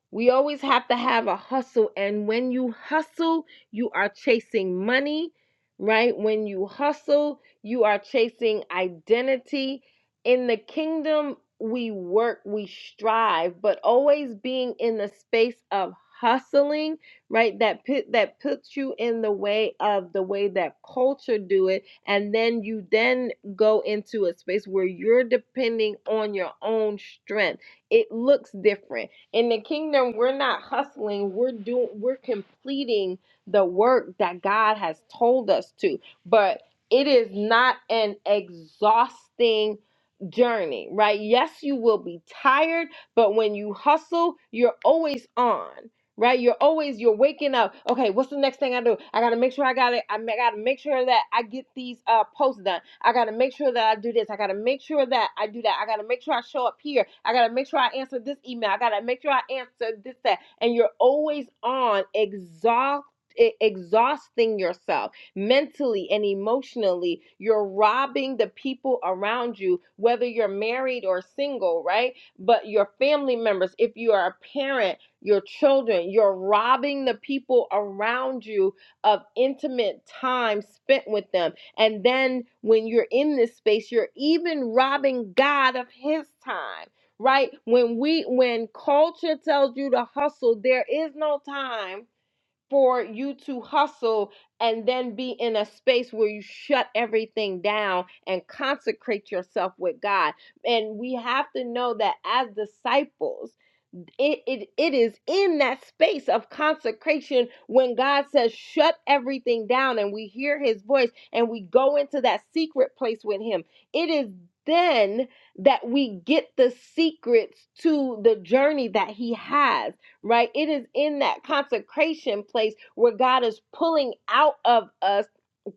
We always have to have a hustle. And when you hustle, you are chasing money, right? When you hustle, you are chasing identity. In the kingdom, we work, we strive, but always being in the space of hustling, right? That pit that puts you in the way of the way that culture do it. And then you then go into a space where you're depending on your own strength. It looks different in the kingdom we're not hustling we're doing we're completing the work that god has told us to but it is not an exhausting journey right yes you will be tired but when you hustle you're always on right? You're always you're waking up. Okay, what's the next thing I do? I gotta make sure I got it. I gotta make sure that I get these uh posts done. I gotta make sure that I do this. I gotta make sure that I do that. I gotta make sure I show up here. I gotta make sure I answer this email. I gotta make sure I answer this that. And you're always on exhaust. e- Exhausting yourself mentally and emotionally, you're robbing the people around you, whether you're married or single, right? But your family members, if you are a parent, your children. You're robbing the people around you of intimate time spent with them. And then when you're in this space, you're even robbing God of his time. Right? When we when culture tells you to hustle, there is no time for you to hustle and then be in a space where you shut everything down and consecrate yourself with God. And we have to know that as disciples, it, it it is in that space of consecration when God says shut everything down and we hear his voice and we go into that secret place with him it is then that we get the secrets to the journey that he has right? It is in that consecration place where God is pulling out of us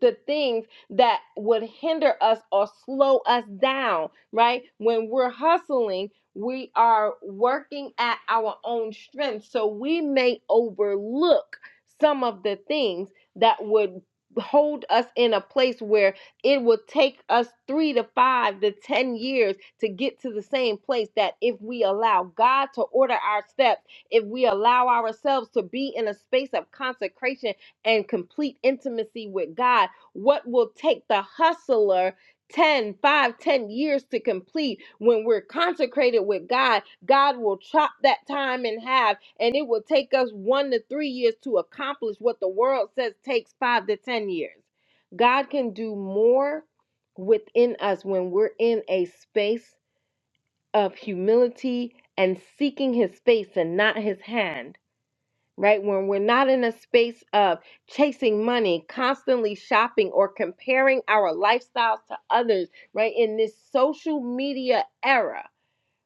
the things that would hinder us or slow us down, right? When we're hustling, we are working at our own strength. So we may overlook some of the things that would hold us in a place where it will take us three to five to ten years to get to the same place that if we allow God to order our steps if we allow ourselves to be in a space of consecration and complete intimacy with God, what will take the hustler 10, 5, 10 years to complete when we're consecrated with God, God will chop that time in half and it will take us one to three years to accomplish what the world says takes five to 10 years. God can do more within us when we're in a space of humility and seeking his face and not his hand, right? When we're not in a space of chasing money, constantly shopping, or comparing our lifestyles to others, right? In this social media era,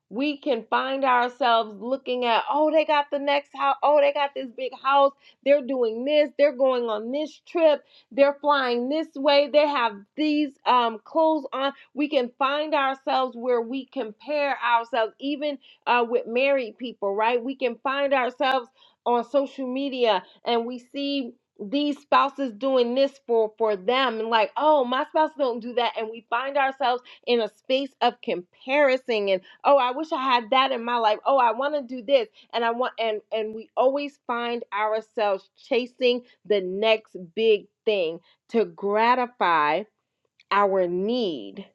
we can find ourselves looking at, oh, they got the next house. Oh, they got this big house. They're doing this. They're going on this trip. They're flying this way. They have these um, clothes on. We can find ourselves where we compare ourselves, even uh, with married people, right? We can find ourselves on social media and we see these spouses doing this for for them and like oh my spouse don't do that and we find ourselves in a space of comparison and oh i wish i had that in my life oh i want to do this and i want and and we always find ourselves chasing the next big thing to gratify our need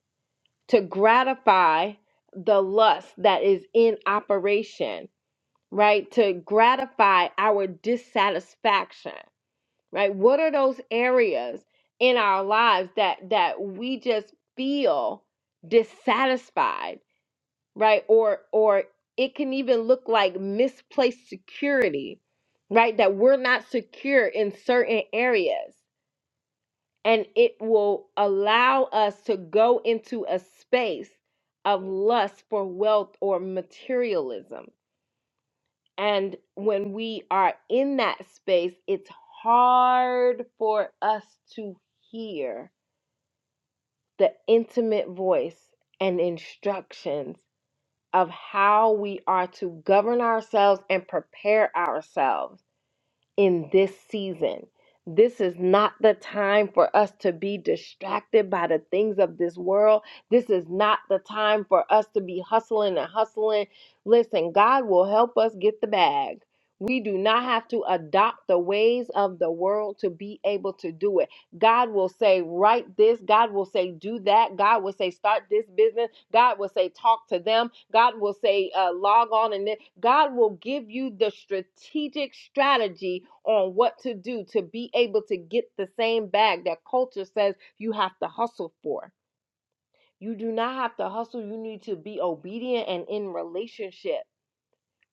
to gratify the lust that is in operation right to gratify our dissatisfaction right what are those areas in our lives that that we just feel dissatisfied right or or it can even look like misplaced security right that we're not secure in certain areas and it will allow us to go into a space of lust for wealth or materialism and when we are in that space, it's hard for us to hear the intimate voice and instructions of how we are to govern ourselves and prepare ourselves in this season. This is not the time for us to be distracted by the things of this world. This is not the time for us to be hustling and hustling. Listen, God will help us get the bag. We do not have to adopt the ways of the world to be able to do it. God will say, write this. God will say, do that. God will say, start this business. God will say, talk to them. God will say, uh, log on. And then God will give you the strategic strategy on what to do to be able to get the same bag that culture says you have to hustle for. You do not have to hustle. You need to be obedient and in relationship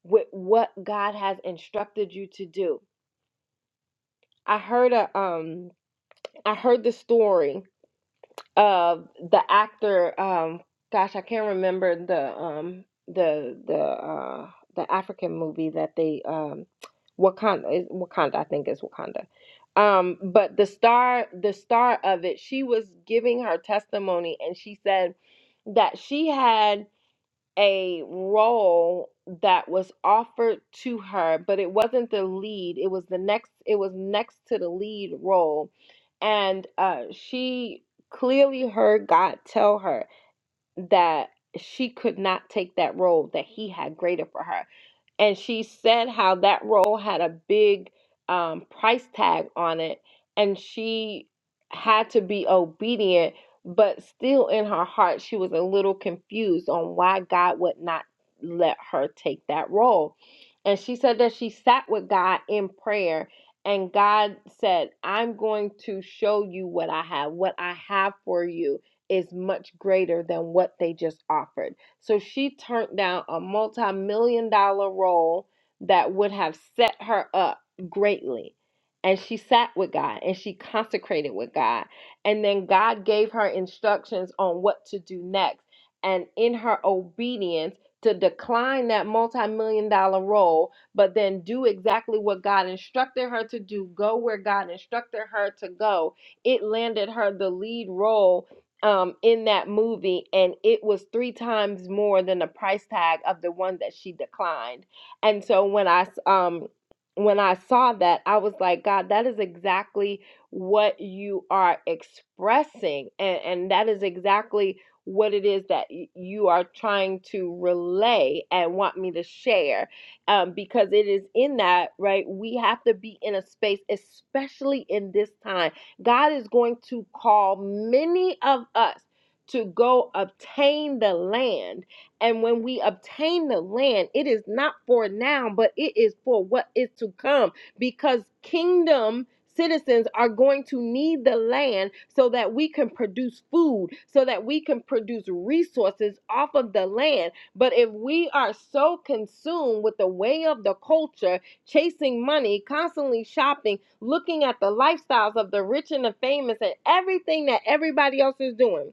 with what God has instructed you to do. I heard a um I heard the story uh the actor um gosh i can't remember the um the the uh the african movie that they um wakanda is wakanda i think is wakanda um but the star the star of it she was giving her testimony and she said that she had a role that was offered to her, but it wasn't the lead. It was the next. It was next to the lead role, and uh, she clearly heard God tell her that she could not take that role. That He had greater for her and she said how that role had a big um, price tag on it and she had to be obedient but still in her heart she was a little confused on why god would not let her take that role and she said that she sat with god in prayer and god said i'm going to show you what i have what i have for you is much greater than what they just offered so she turned down a multi million dollar role that would have set her up greatly. And she sat with God and she consecrated with God. And then God gave her instructions on what to do next. And in her obedience, to decline that multi million dollar role, but then do exactly what God instructed her to do, go where God instructed her to go. It landed her the lead role um, in that movie, and it was three times more than the price tag of the one that she declined. And so when I um when I saw that, I was like, God, that is exactly what you are expressing, and and that is exactly what it is that y- you are trying to relay and want me to share um, because it is in that right we have to be in a space especially in this time God is going to call many of us to go obtain the land. And when we obtain the land, it is not for now, but it is for what is to come because kingdom citizens are going to need the land so that we can produce food, so that we can produce resources off of the land. But if we are so consumed with the way of the culture, chasing money, constantly shopping, looking at the lifestyles of the rich and the famous and everything that everybody else is doing.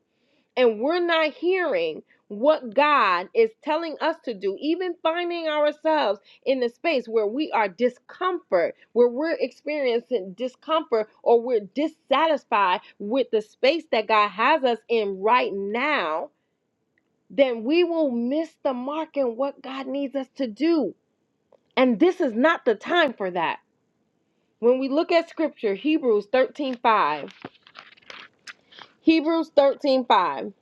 And we're not hearing what God is telling us to do, even finding ourselves in the space where we are discomfort, where we're experiencing discomfort or we're dissatisfied with the space that God has us in right now, then we will miss the mark in what God needs us to do. And this is not the time for that. When we look at scripture, Hebrews 13:5, Hebrews 13:5,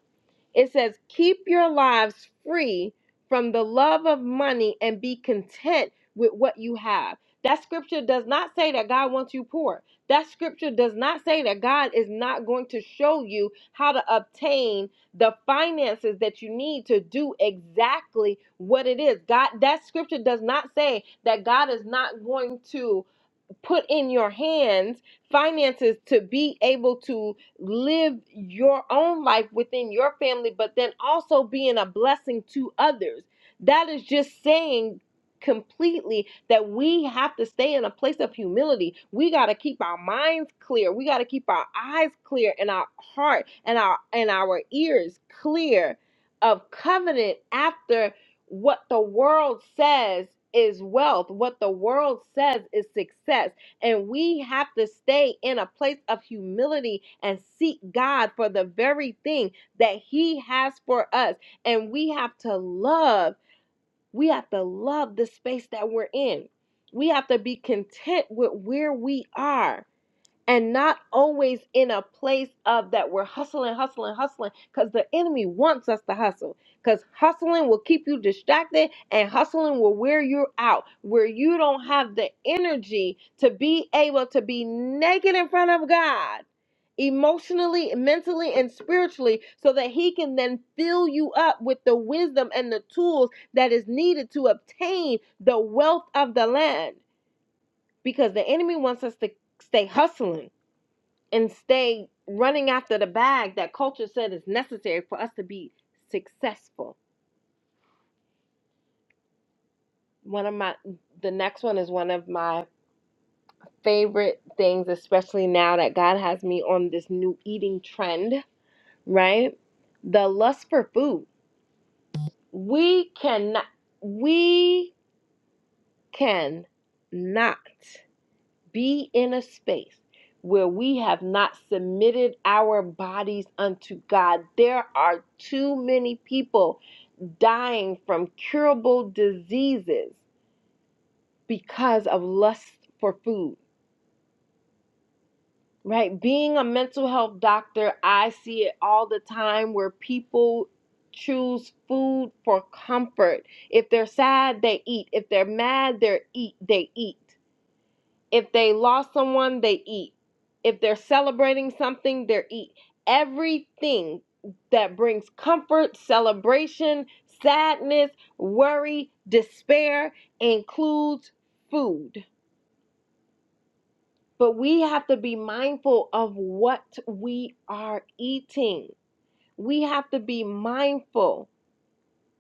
it says, "Keep your lives free from the love of money and be content with what you have." That scripture does not say that God wants you poor. That scripture does not say that God is not going to show you how to obtain the finances that you need to do exactly what it is. God that scripture does not say that God is not going to put in your hands finances to be able to live your own life within your family, but then also being a blessing to others. That is just saying completely that we have to stay in a place of humility. We got to keep our minds clear. We got to keep our eyes clear and our heart and our and our ears clear of covenant after what the world says is wealth, what the world says is success and we have to stay in a place of humility and seek God for the very thing that He has for us. And we have to love, we have to love the space that we're in. We have to be content with where we are and not always in a place of that we're hustling, hustling, hustling, because the enemy wants us to hustle. Because hustling will keep you distracted and hustling will wear you out, where you don't have the energy to be able to be naked in front of God emotionally, mentally, and spiritually, so that He can then fill you up with the wisdom and the tools that is needed to obtain the wealth of the land. Because the enemy wants us to stay hustling and stay running after the bag that culture said is necessary for us to be successful. One of my the next one is one of my favorite things, especially now that God has me on this new eating trend, right? The lust for food. We cannot we can not be in a space where we have not submitted our bodies unto God. There are too many people dying from curable diseases because of lust for food, right? Being a mental health doctor, I see it all the time where people choose food for comfort. If they're sad, they eat. If they're mad, they eat, they eat. If they lost someone, they eat. If they're celebrating something, they eat. Everything that brings comfort, celebration, sadness, worry, despair includes food. But we have to be mindful of what we are eating. We have to be mindful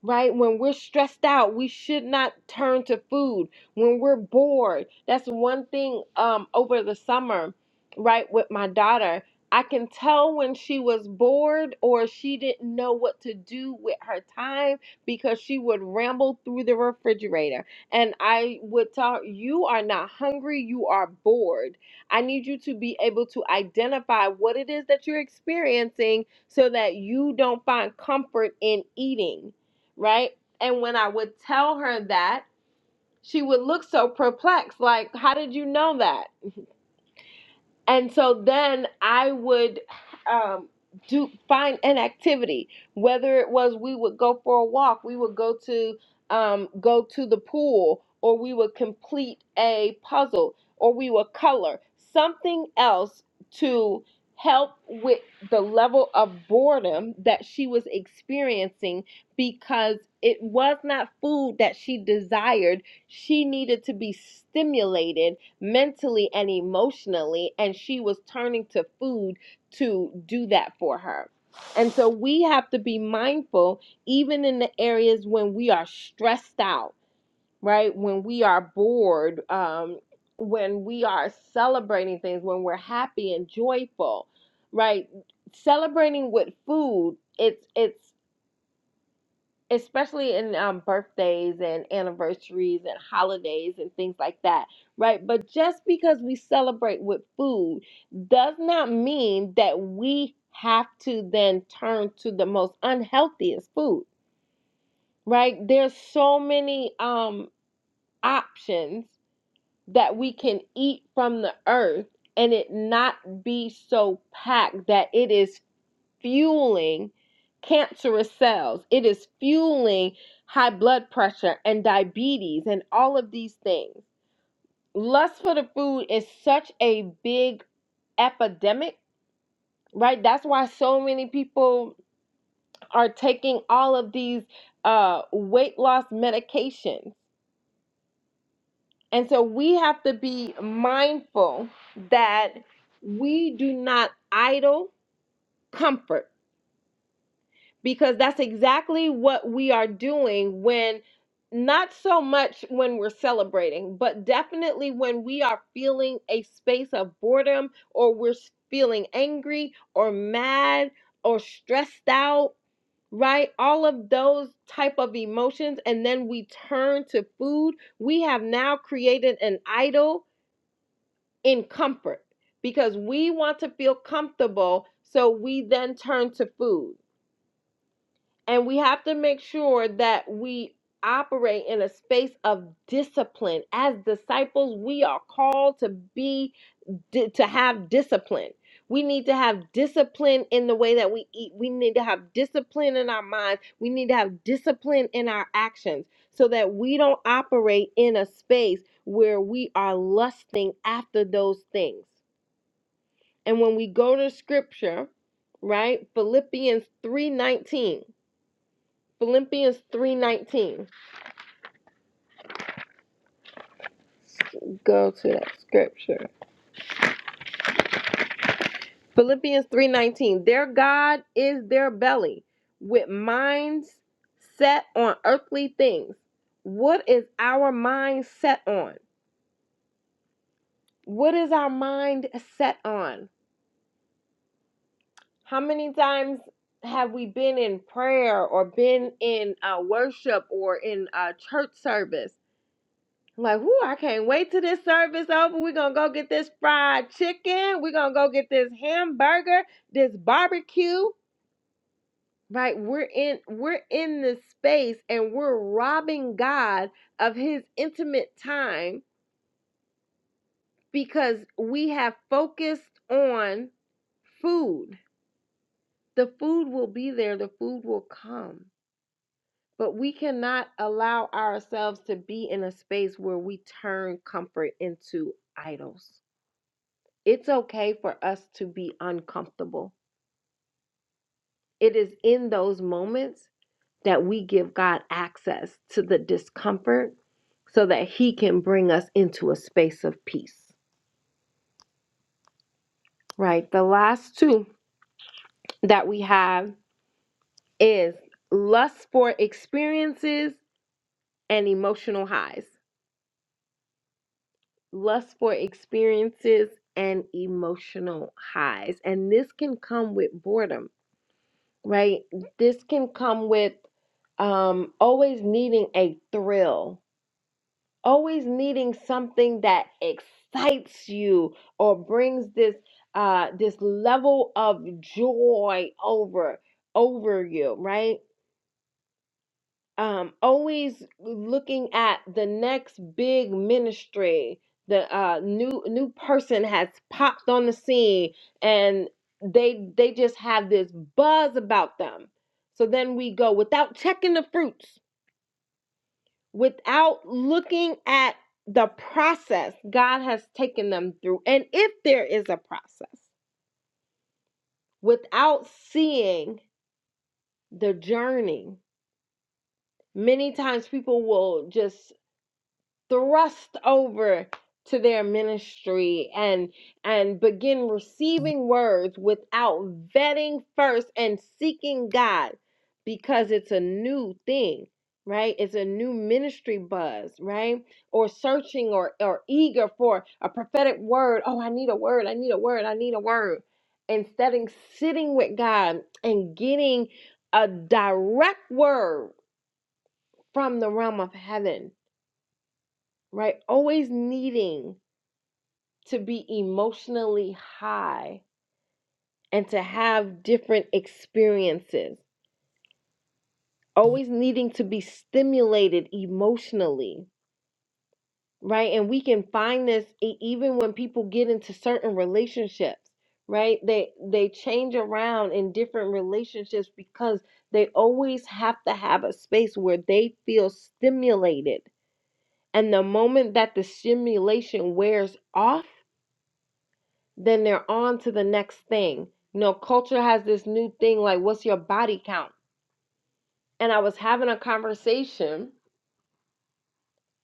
right? When we're stressed out, we should not turn to food. When we're bored, that's one thing um, over the summer, right? With my daughter, I can tell when she was bored or she didn't know what to do with her time because she would ramble through the refrigerator. And I would tell her, You are not hungry, you are bored. I need you to be able to identify what it is that you're experiencing so that you don't find comfort in eating right? And when I would tell her that, she would look so perplexed, like, How did you know that? and so then I would um, do find an activity, whether it was we would go for a walk, we would go to um, go to the pool, or we would complete a puzzle, or we would color something else to help with the level of boredom that she was experiencing because it was not food that she desired she needed to be stimulated mentally and emotionally, and she was turning to food to do that for her. And so we have to be mindful, even in the areas when we are stressed out, right? When we are bored, um, when we are celebrating things, when we're happy and joyful, right? Celebrating with food, it's it's especially in um, birthdays and anniversaries and holidays and things like that, right? But just because we celebrate with food does not mean that we have to then turn to the most unhealthiest food, right? There's so many um, options that we can eat from the earth and it not be so packed that it is fueling cancerous cells. It is fueling high blood pressure and diabetes and all of these things. Lust for the food is such a big epidemic, right? That's why so many people are taking all of these uh, weight loss medications. And so we have to be mindful that we do not idle comfort because that's exactly what we are doing when not so much when we're celebrating, but definitely when we are feeling a space of boredom or we're s- feeling angry or mad or stressed out, right? All of those type of emotions and then we turn to food, we have now created an idol in comfort because we want to feel comfortable, so we then turn to food and we have to make sure that we operate in a space of discipline. As disciples, we are called to be to have discipline. We need to have discipline in the way that we eat. We need to have discipline in our minds. We need to have discipline in our actions so that we don't operate in a space where we are lusting after those things. And when we go to scripture, right? Philippians 3:19 Philippians 3:19. Go to that scripture. Philippians 3:19. Their God is their belly, with minds set on earthly things. What is our mind set on? What is our mind set on? How many times have we been in prayer or been in uh, worship or in uh, church service I'm like, whoo, I can't wait till this service over. We're gonna go get this fried chicken. We're gonna go get this hamburger, this barbecue. Right? We're in we're in this space and we're robbing God of his intimate time because we have focused on food. The food will be there, the food will come. But we cannot allow ourselves to be in a space where we turn comfort into idols it's okay for us to be uncomfortable. It is in those moments that we give God access to the discomfort so that He can bring us into a space of peace. Right. The last two that we have is lust for experiences and emotional highs. Lust for experiences and emotional highs. And this can come with boredom right? This can come with um, always needing a thrill, always needing something that excites you or brings this uh, this level of joy over over you, right? um, always looking at the next big ministry. The uh, new new person has popped on the scene, and they they just have this buzz about them. So then we go without checking the fruits, without looking at the process God has taken them through, and if there is a process, without seeing the journey. Many times people will just thrust over to their ministry and and begin receiving words without vetting first and seeking God because it's a new thing, right? It's a new ministry buzz, right? Or searching or or eager for a prophetic word. Oh, I need a word. I need a word. I need a word. Instead of sitting with God and getting a direct word from the realm of heaven right? Always needing to be emotionally high and to have different experiences, always needing to be stimulated emotionally, right? And we can find this e- even when people get into certain relationships right they they change around in different relationships because they always have to have a space where they feel stimulated and the moment that the stimulation wears off then they're on to the next thing. You know, culture has this new thing like, what's your body count? And I was having a conversation,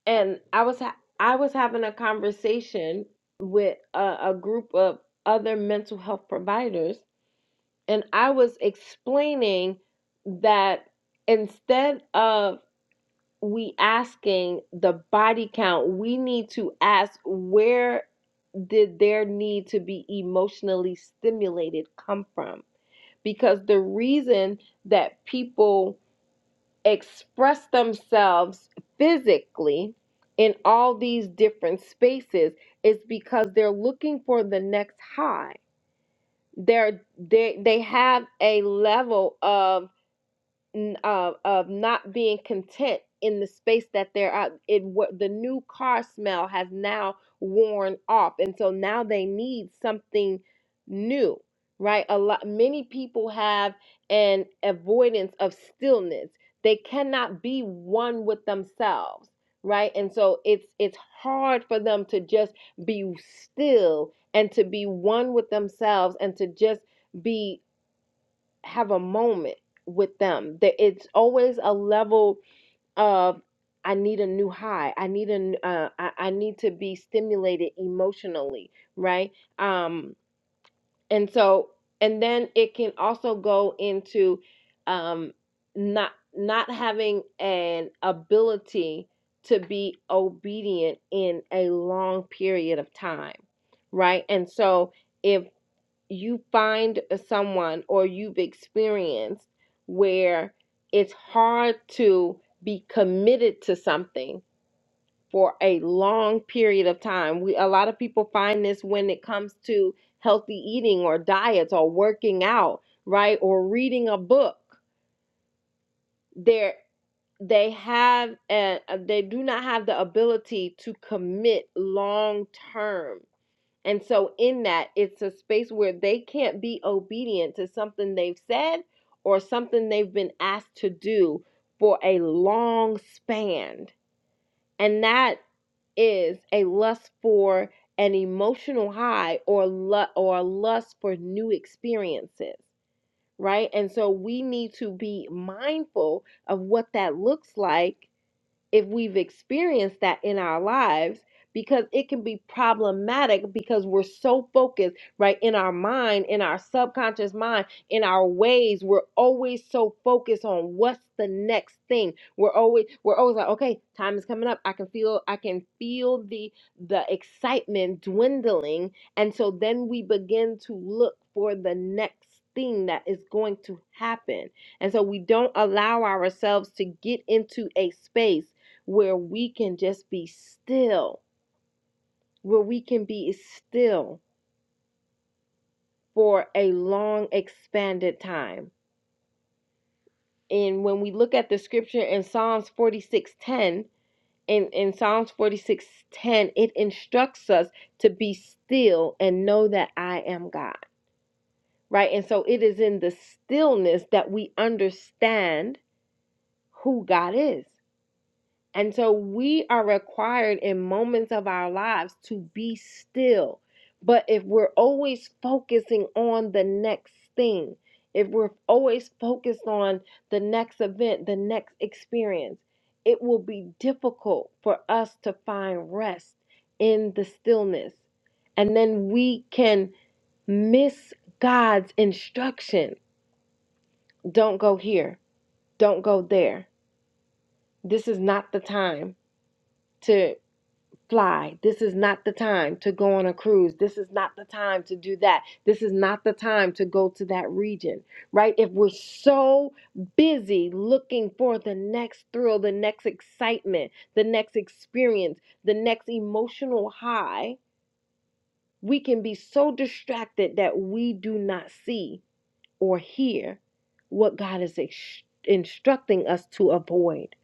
and I was ha- I was having a conversation with a, a group of other mental health providers, and I was explaining that instead of we asking the body count, we need to ask where did their need to be emotionally stimulated come from because the reason that people express themselves physically in all these different spaces is because they're looking for the next high. They're they they have a level of n- uh, of not being content in the space that they're at. It what the new car smell has now worn off, and so now they need something new, right? A lot many people have an avoidance of stillness. They cannot be one with themselves, right? And so it's it's hard for them to just be still and to be one with themselves and to just be have a moment with them. That it's always a level of I need a new high. I need an uh, I, I need to be stimulated emotionally, right? Um, and so and then it can also go into um, not not having an ability to be obedient in a long period of time, right? And so if you find someone or you've experienced where it's hard to be committed to something for a long period of time. We a lot of people find this when it comes to healthy eating or diets or working out, right? Or reading a book. They're they have and they do not have the ability to commit long term and so, in that, it's a space where they can't be obedient to something they've said or something they've been asked to do for a long span. And that is a lust for an emotional high or lu- or a lust for new experiences, right? And so we need to be mindful of what that looks like if we've experienced that in our lives because it can be problematic because we're so focused right in our mind in our subconscious mind in our ways we're always so focused on what's the next thing we're always we're always like okay time is coming up i can feel i can feel the the excitement dwindling and so then we begin to look for the next thing that is going to happen and so we don't allow ourselves to get into a space where we can just be still, where we can be still for a long expanded time. And when we look at the scripture in Psalms 46:10, in, in Psalms 46:10, it instructs us to be still and know that I am God. Right? And so it is in the stillness that we understand who God is. And so we are required in moments of our lives to be still. But if we're always focusing on the next thing, if we're always focused on the next event, the next experience, it will be difficult for us to find rest in the stillness. And then we can miss God's instruction. Don't go here. Don't go there. This is not the time to. fly. This is not the time to go on a cruise. This is not the time to do that. This is not the time to go to that region, right? If we're so busy looking for the next thrill, the next excitement, the next experience, the next emotional high, we can be so distracted that we do not see or hear what God is ex- instructing us to avoid.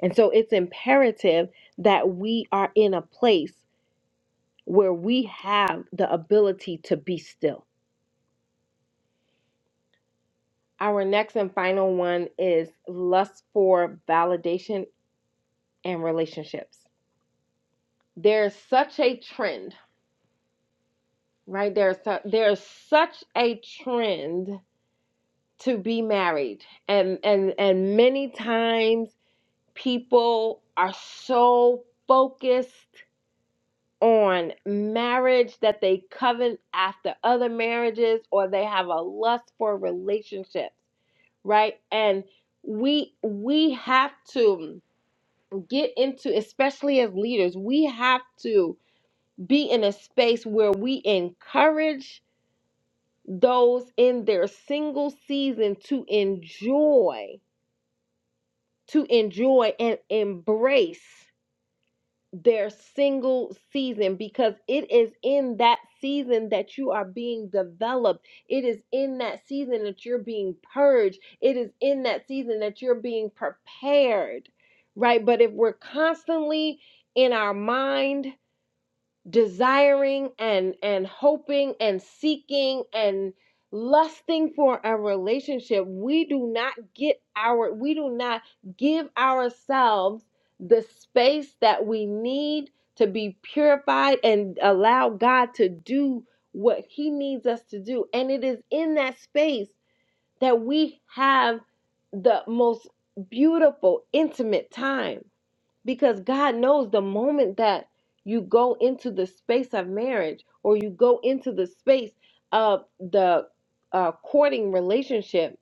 And so it's imperative that we are in a place where we have the ability to be still. Our next and final one is lust for validation and relationships. There's such a trend, right? There's su- there's such a trend to be married, and and and many times people are so focused on marriage that they covet after other marriages or they have a lust for relationships right and we we have to get into especially as leaders we have to be in a space where we encourage those in their single season to enjoy to enjoy and embrace their single season because it is in that season that you are being developed. It is in that season that you're being purged. It is in that season that you're being prepared, right? But if we're constantly in our mind, desiring and and hoping and seeking and lusting for a relationship we do not get our we do not give ourselves the space that we need to be purified and allow God to do what he needs us to do and it is in that space that we have the most beautiful intimate time because God knows the moment that you go into the space of marriage or you go into the space of the uh, courting relationship,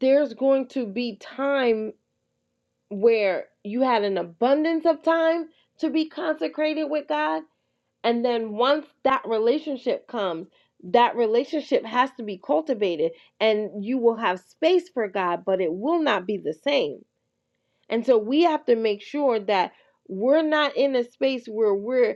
there's going to be time where you had an abundance of time to be consecrated with God. And then once that relationship comes, that relationship has to be cultivated and you will have space for God, but it will not be the same and so we have to make sure that we're not in a space where we're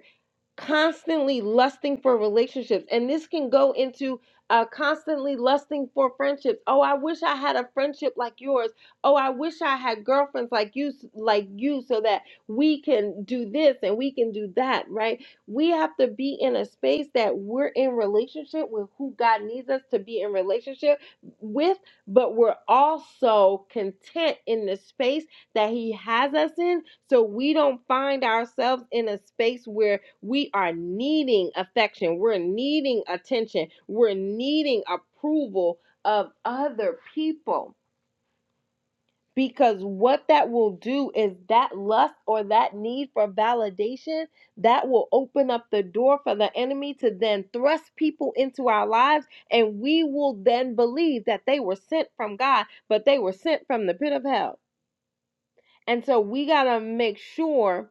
constantly lusting for relationships and this can go into uh, constantly lusting for friendships oh i wish i had a friendship like yours oh i wish i had girlfriends like you like you so that we can do this and we can do that right we have to be in a space that we're in relationship with who god needs us to be in relationship with but we're also content in the space that he has us in so we don't find ourselves in a space where we are needing affection. We're needing attention. We're needing approval of other people. Because what that will do is that lust or that need for validation that will open up the door for the enemy to then thrust people into our lives. And we will then believe that they were sent from God, but they were sent from the pit of hell. And so we got to make sure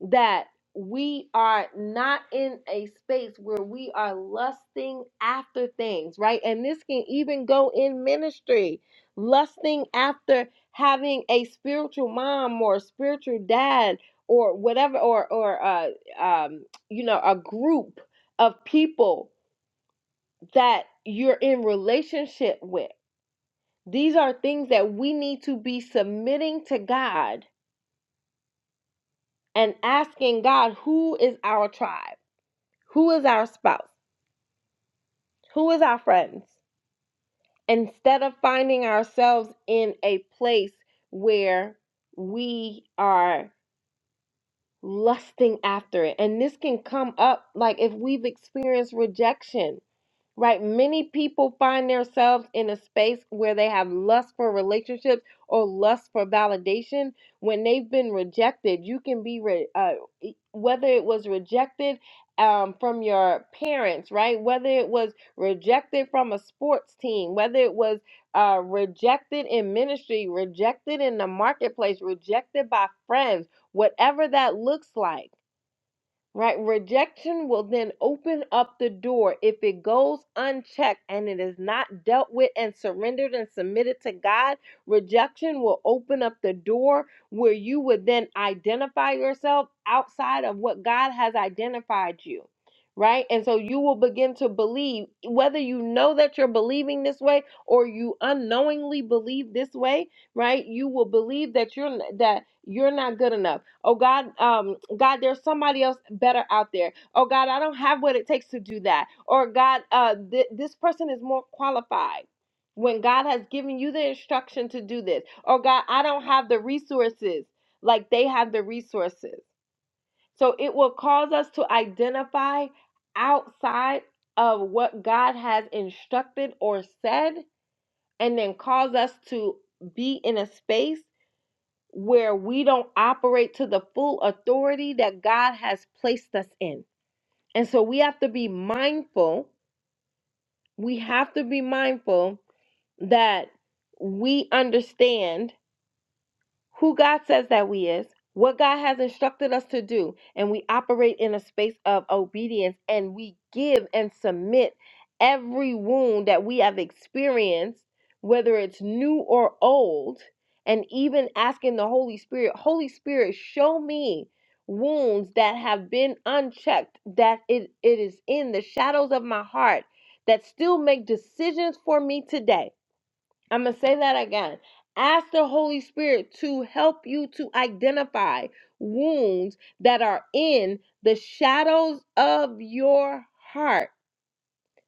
that we are not in a space where we are lusting after things, right? And this can even go in ministry, lusting after having a spiritual mom or a spiritual dad or whatever, or or uh, um, you know, a group of people that you're in relationship with. These are things that we need to be submitting to God and asking God, who is our tribe? Who is our spouse? Who is our friends? Instead of finding ourselves in a place where we are lusting after it. And this can come up like if we've experienced rejection right? Many people find themselves in a space where they have lust for relationships or lust for validation when they've been rejected. You can be re- uh, e- whether it was rejected um, from your parents, right? Whether it was rejected from a sports team, whether it was uh, rejected in ministry, rejected in the marketplace, rejected by friends, whatever that looks like Right? Rejection will then open up the door if it goes unchecked and it is not dealt with and surrendered and submitted to God. Rejection will open up the door where you would then identify yourself outside of what God has identified you. Right? And so you will begin to believe, whether you know that you're believing this way or you unknowingly believe this way, right? You will believe that you're that you're not good enough Oh God, um, God, there's somebody else better out there. Oh God, I don't have what it takes to do that. Or God, uh, th- this person is more qualified. When God has given you the instruction to do this, oh God, I don't have the resources like they have the resources. So it will cause us to identify outside of what God has instructed or said, and then cause us to be in a space where we don't operate to the full authority that God has placed us in. And so we have to be mindful. We have to be mindful that we understand who God says that we is, what God has instructed us to do, and we operate in a space of obedience and we give and submit every wound that we have experienced, whether it's new or old, and even asking the Holy Spirit, Holy Spirit, show me wounds that have been unchecked, that it, it is in the shadows of my heart that still make decisions for me today I'm going to say that again. Ask the Holy Spirit to help you to identify wounds that are in the shadows of your heart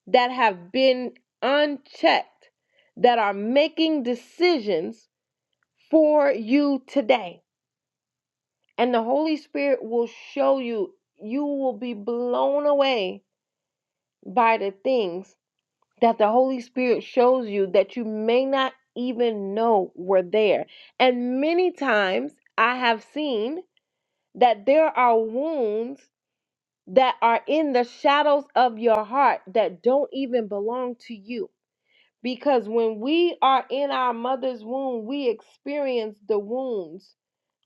that have been unchecked, that are making decisions for you today. And the Holy Spirit will show you, you will be blown away by the things that the Holy Spirit shows you that you may not even know were there. And many times I have seen that there are wounds that are in the shadows of your heart that don't even belong to you. Because when we are in our mother's womb, we experience the wounds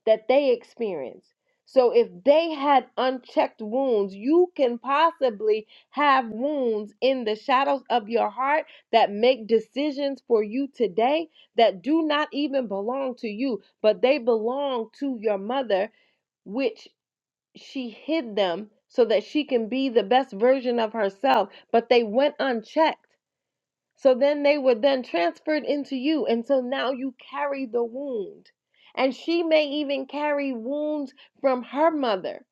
that they experience. So if they had unchecked wounds, you can possibly have wounds in the shadows of your heart that make decisions for you today that do not even belong to you, but they belong to your mother, which she hid them so that she can be the best version of herself, but they went unchecked. So then they were then transferred into you. And so now you carry the wound. And she may even carry wounds from her mother.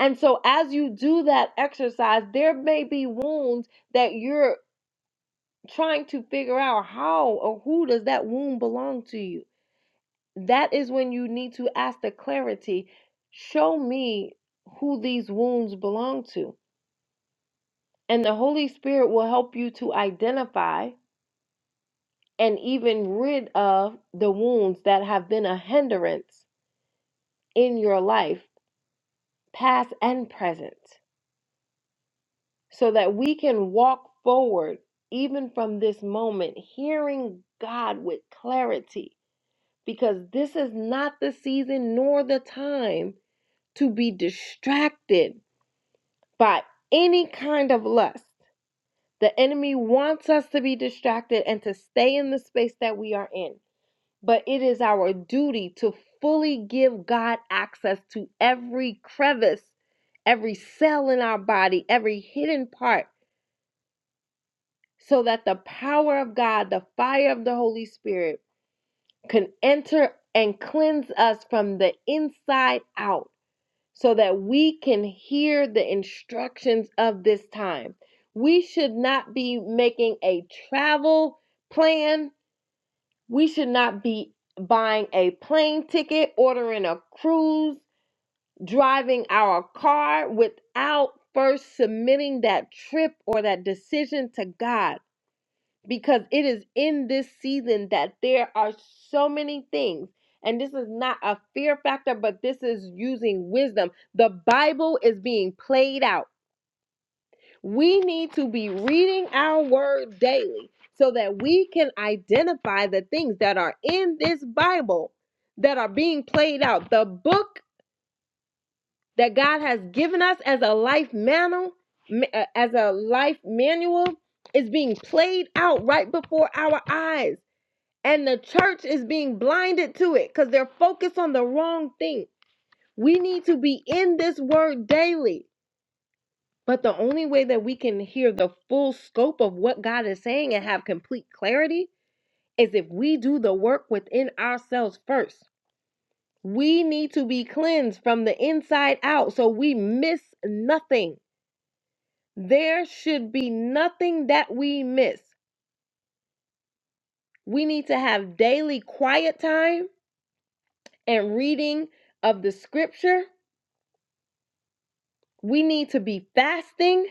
And so as you do that exercise, there may be wounds that you're trying to figure out how or who does that wound belong to you. That is when you need to ask the clarity show me who these wounds belong to. And the Holy Spirit will help you to identify and even rid of the wounds that have been a hindrance in your life, past and present, so that we can walk forward even from this moment, hearing God with clarity, because this is not the season nor the time to be distracted by any kind of lust. The enemy wants us to be distracted and to stay in the space that we are in. but it is our duty to fully give God access to every crevice, every cell in our body, every hidden part, so that the power of God, the fire of the Holy Spirit, can enter and cleanse us from the inside out, so that we can hear the instructions of this time. We should not be making a travel plan We should not be buying a plane ticket, ordering a cruise, driving our car without first submitting that trip or that decision to God. Because it is in this season that there are so many things. And this is not a fear factor, but this is using wisdom. The Bible is being played out. We need to be reading our word daily so that we can identify the things that are in this Bible that are being played out. The book that God has given us as a life manual, uh, as a life manual is being played out right before our eyes and the church is being blinded to it cuz they're focused on the wrong thing. We need to be in this word daily. But the only way that we can hear the full scope of what God is saying and have complete clarity is if we do the work within ourselves first. We need to be cleansed from the inside out so we miss nothing. There should be nothing that we miss. We need to have daily quiet time and reading of the scripture. We need to be fasting.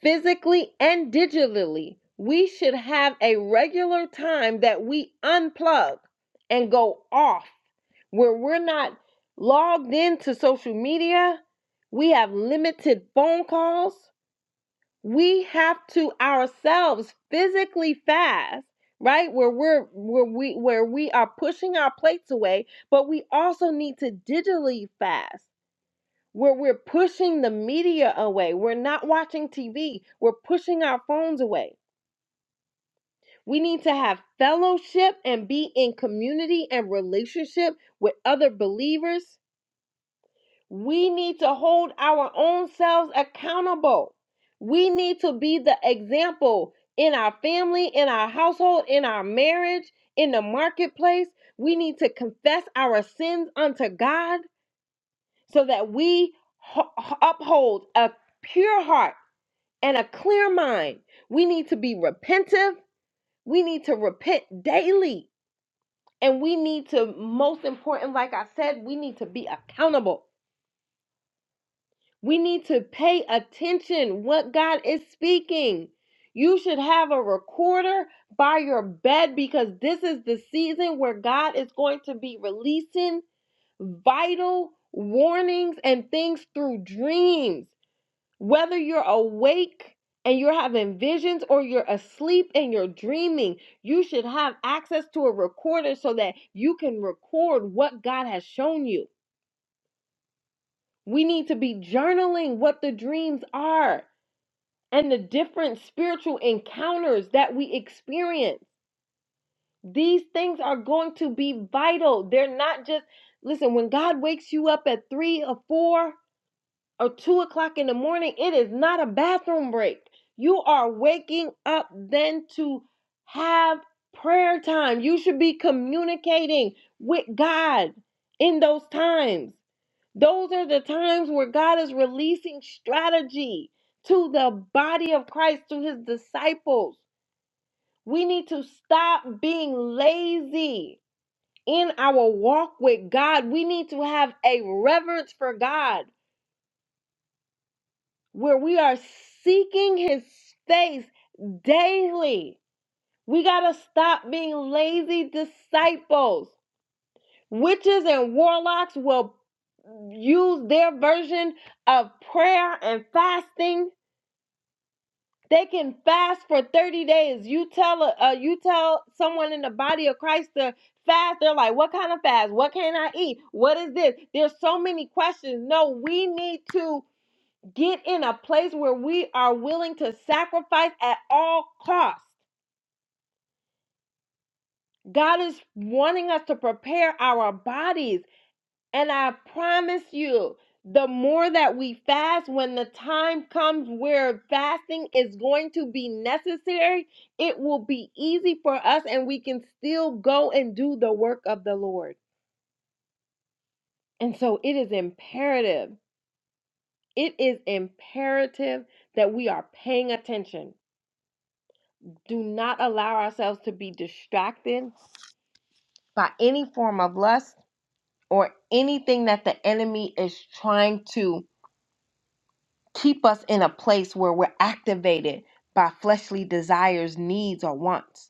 physically and digitally, we should have a regular time that we unplug and go off where we're not logged into social media. We have limited phone calls. We have to ourselves physically fast, right? Where we're where we where we are pushing our plates away, but we also need to digitally fast where we're pushing the media away. We're not watching TV. We're pushing our phones away. We need to have fellowship and be in community and relationship with other believers. We need to hold our own selves accountable. We need to be the example in our family, in our household, in our marriage, in the marketplace. We need to confess our sins unto God so that we uphold a pure heart and a clear mind. We need to be repentive. We need to repent daily. And we need to, most important, like I said, we need to be accountable. We need to pay attention what God is speaking. You should have a recorder by your bed because this is the season where God is going to be releasing vital warnings and things through dreams. Whether you're awake and you're having visions or you're asleep and you're dreaming, you should have access to a recorder so that you can record what God has shown you. We need to be journaling what the dreams are and the different spiritual encounters that we experience. These things are going to be vital. They're not just, listen, when God wakes you up at three or four, or two o'clock in the morning, it is not a bathroom break. You are waking up then to have prayer time. You should be communicating with God in those times. Those are the times where God is releasing strategy to the body of Christ, to his disciples. We need to stop being lazy in our walk with God. We need to have a reverence for God. where we are seeking his face daily. We got to stop being lazy disciples. Witches and warlocks will use their version of prayer and fasting. They can fast for 30 days. You tell a, uh, you tell someone in the body of Christ to fast. They're like, "What kind of fast? What can I eat? What is this?" There's so many questions. No, we need to Get in a place where we are willing to sacrifice at all costs. God is wanting us to prepare our bodies. And I promise you, the more that we fast, when the time comes where fasting is going to be necessary, it will be easy for us and we can still go and do the work of the Lord. And so it is imperative. It is imperative that we are paying attention do not allow ourselves to be distracted by any form of lust or anything that the enemy is trying to keep us in a place where we're activated by fleshly desires, needs, or wants.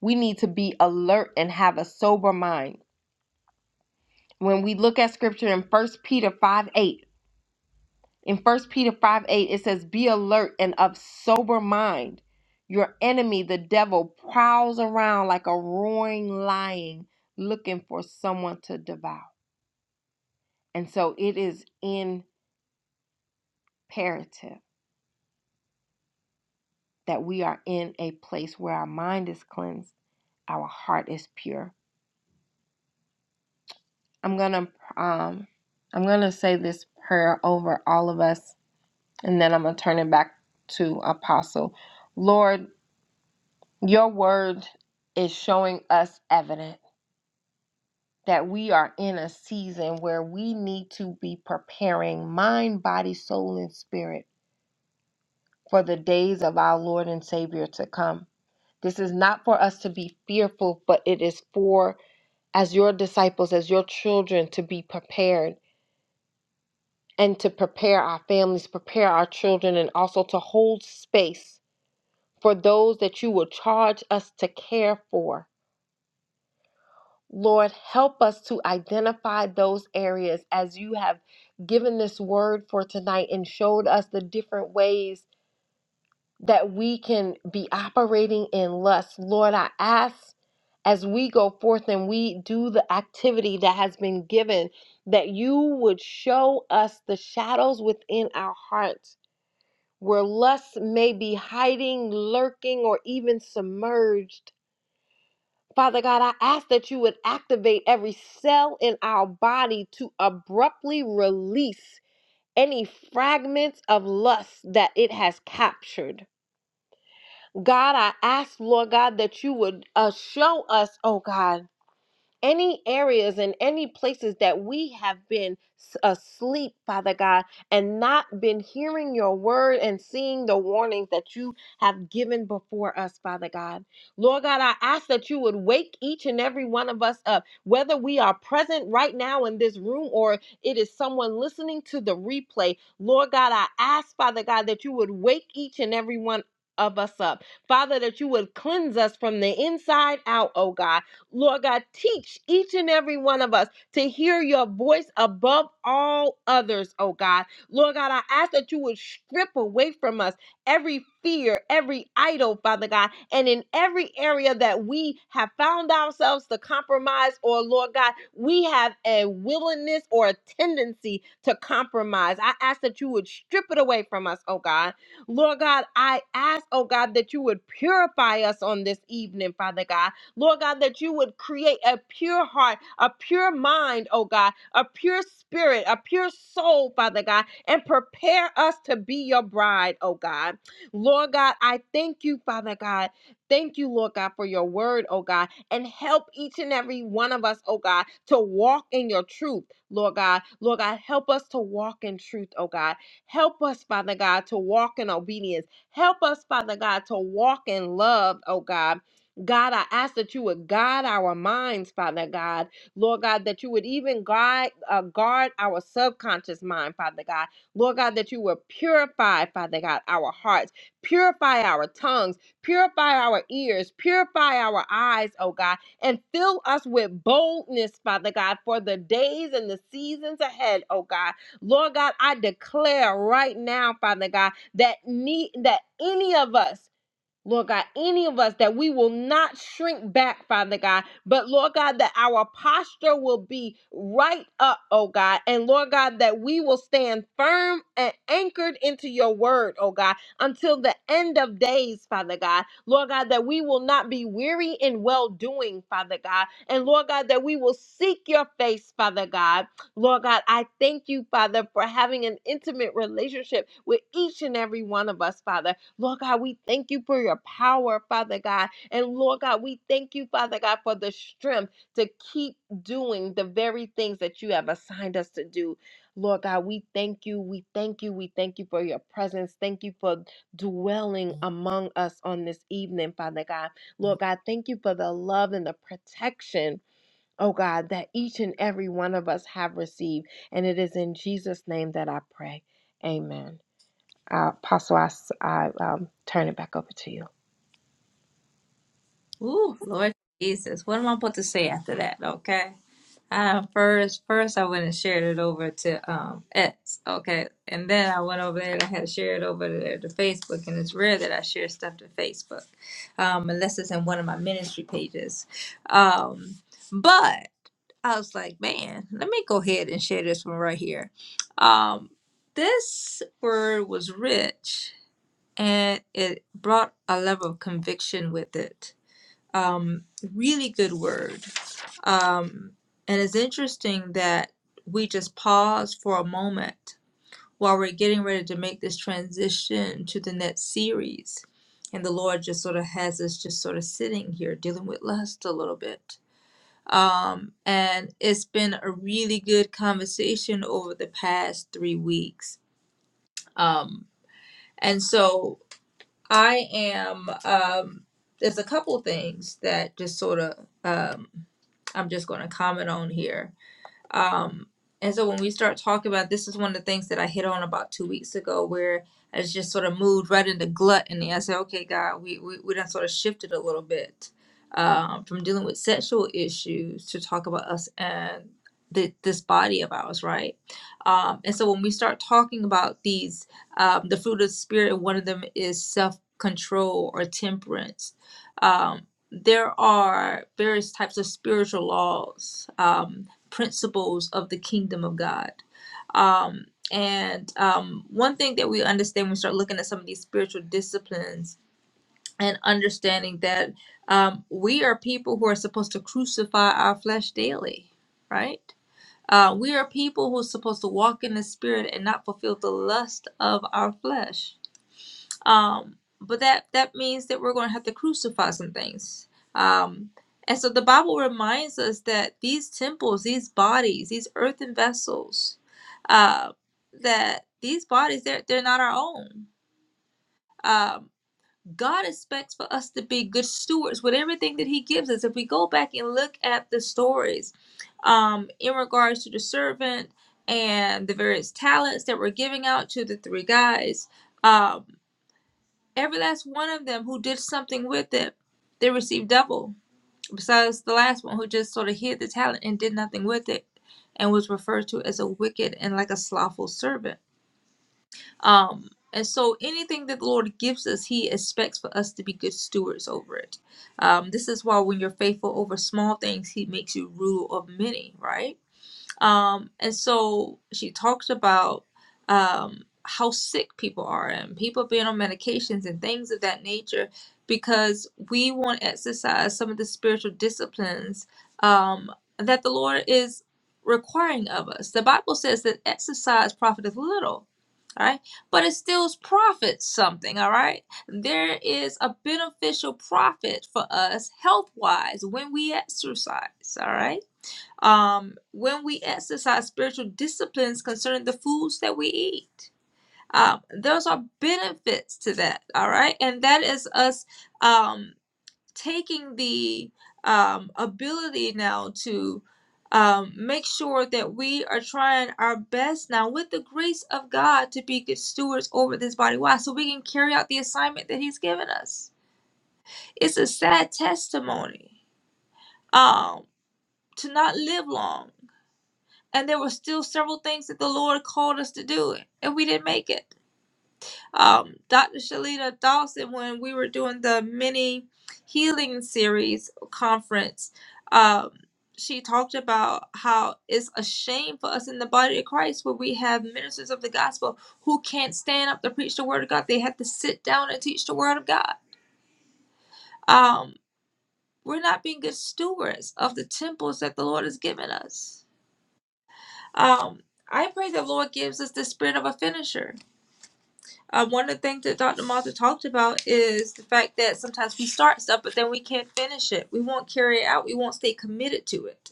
We need to be alert and have a sober mind. When we look at scripture in First Peter 5 8, In First Peter 5 8, it says, Be alert and of sober mind. Your enemy, the devil, prowls around like a roaring lion looking for someone to devour. And so it is imperative that we are in a place where our mind is cleansed, our heart is pure. I'm gonna um I'm gonna say this prayer over all of us, and then I'm gonna turn it back to Apostle. Lord, Your word is showing us evident that we are in a season where we need to be preparing mind, body, soul, and spirit for the days of our Lord and Savior to come. This is not for us to be fearful, but it is for, as your disciples, as your children, to be prepared and to prepare our families, prepare our children, and also to hold space for those that you will charge us to care for Lord, help us to identify those areas as you have given this word for tonight and showed us the different ways that we can be operating in lust. Lord, I ask as we go forth and we do the activity that has been given, that you would show us the shadows within our hearts where lust may be hiding, lurking, or even submerged Father God, I ask that you would activate every cell in our body to abruptly release any fragments of lust that it has captured. God, I ask, Lord God, that you would uh, show us, oh God any areas and any places that we have been s- asleep, Father God, and not been hearing your word and seeing the warnings that you have given before us, Father God. Lord God, I ask that you would wake each and every one of us up, whether we are present right now in this room or it is someone listening to the replay. Lord God, I ask, Father God, that you would wake each and every one of us up. Father, that you would cleanse us from the inside out, oh God Lord God, teach each and every one of us to hear your voice above all others, oh God. Lord God, I ask that you would strip away from us every fear, every idol, Father God, and in every area that we have found ourselves to compromise, or Lord God, we have a willingness or a tendency to compromise. I ask that you would strip it away from us, oh God. Lord God, I ask, oh God, that you would purify us on this evening, Father God. Lord God, that you would create a pure heart, a pure mind, oh God, a pure spirit, a pure soul, Father God, and prepare us to be your bride, oh God. Lord God, I thank you, Father God. Thank you, Lord God, for your word, oh God, and help each and every one of us, oh God, to walk in your truth, Lord God. Lord God, help us to walk in truth, oh God. Help us, Father God, to walk in obedience. Help us, Father God, to walk in love, oh God. God, I ask that you would guide our minds, Father God. Lord God, that you would even guide, uh, guard our subconscious mind, Father God. Lord God, that you would purify, Father God, our hearts, purify our tongues, purify our ears, purify our eyes, oh God, and fill us with boldness, Father God, for the days and the seasons ahead, oh God. Lord God, I declare right now, Father God, that, need, that any of us, Lord God, any of us that we will not shrink back, Father God, but Lord God, that our posture will be right up, oh God, and Lord God, that we will stand firm and anchored into your word, oh God, until the end of days, Father God. Lord God, that we will not be weary in well doing, Father God, and Lord God, that we will seek your face, Father God. Lord God, I thank you, Father, for having an intimate relationship with each and every one of us, Father. Lord God, we thank you for your power, Father God. And Lord God, we thank you, Father God, for the strength to keep doing the very things that you have assigned us to do. Lord God, we thank you. We thank you. We thank you for your presence. Thank you for dwelling among us on this evening, Father God. Lord God, thank you for the love and the protection, oh God, that each and every one of us have received. And it is in Jesus' name that I pray. Amen. Uh, Apostle, I, s- I, um, turn it back over to you. Ooh, Lord Jesus. What am I supposed to say after that? Okay. Uh, first, first I went and shared it over to um X, okay, and then I went over there and I had to share it over there to Facebook, and it's rare that I share stuff to Facebook, um, unless it's in one of my ministry pages. Um, but I was like, man, let me go ahead and share this one right here. Um, this word was rich, and it brought a level of conviction with it um, really good word. Um, and it's interesting that we just pause for a moment while we're getting ready to make this transition to the next series. And the Lord just sort of has us just sort of sitting here dealing with lust a little bit. Um, and it's been a really good conversation over the past three weeks. Um, and so I am um there's a couple things that just sort of um I'm just going to comment on here. Um, and so when we start talking about this is one of the things that I hit on about two weeks ago where I was just sort of moved right into gluttony. I said, okay, God, we, we, we done sort of shifted a little bit um, from dealing with sexual issues to talk about us and the, this body of ours, right? Um, and so when we start talking about these, um, the fruit of the spirit, one of them is self control or temperance. Um, there are various types of spiritual laws. Um, principles of the kingdom of God. Um, and um, one thing that we understand when we start looking at some of these spiritual disciplines and understanding that um, we are people who are supposed to crucify our flesh daily, right? Uh, we are people who are supposed to walk in the spirit and not fulfill the lust of our flesh um but that that means that we're going to have to crucify some things um and so the bible reminds us that these temples these bodies these earthen vessels uh that these bodies they're they're not our own um god expects for us to be good stewards with everything that he gives us if we go back and look at the stories um in regards to the servant and the various talents that were giving out to the three guys uh, Every last one of them who did something with it, they received double, besides the last one who just sort of hid the talent and did nothing with it and was referred to as a wicked and like a slothful servant. Um, and so anything that the Lord gives us, He expects for us to be good stewards over it. Um, this is why when you're faithful over small things, He makes you rule of many, right? Um, and so she talks about um, how sick people are and people being on medications and things of that nature because we want to exercise some of the spiritual disciplines um, that the Lord is requiring of us. The Bible says that exercise profiteth little. All right, but it still profits something. All right, there is a beneficial profit for us health wise when we exercise. All right um, when we exercise spiritual disciplines concerning the foods that we eat. Um, those are benefits to that, all right? And that is us um, taking the um, ability now to um, make sure that we are trying our best now with the grace of God to be good stewards over this body. Why? So we can carry out the assignment that He's given us. It's a sad testimony um, to not live long and there were still several things that the Lord called us to do, and we didn't make it. Um, Dr. Shalita Dawson, when we were doing the mini healing series conference, um, she talked about how it's a shame for us in the body of Christ where we have ministers of the gospel who can't stand up to preach the word of God. They have to sit down and teach the word of God. Um, we're not being good stewards of the temples that the Lord has given us Um, I pray the Lord gives us the spirit of a finisher. Um, one of the things that Dr. Martha talked about is the fact that sometimes we start stuff, but then we can't finish it. We won't carry it out. We won't stay committed to it.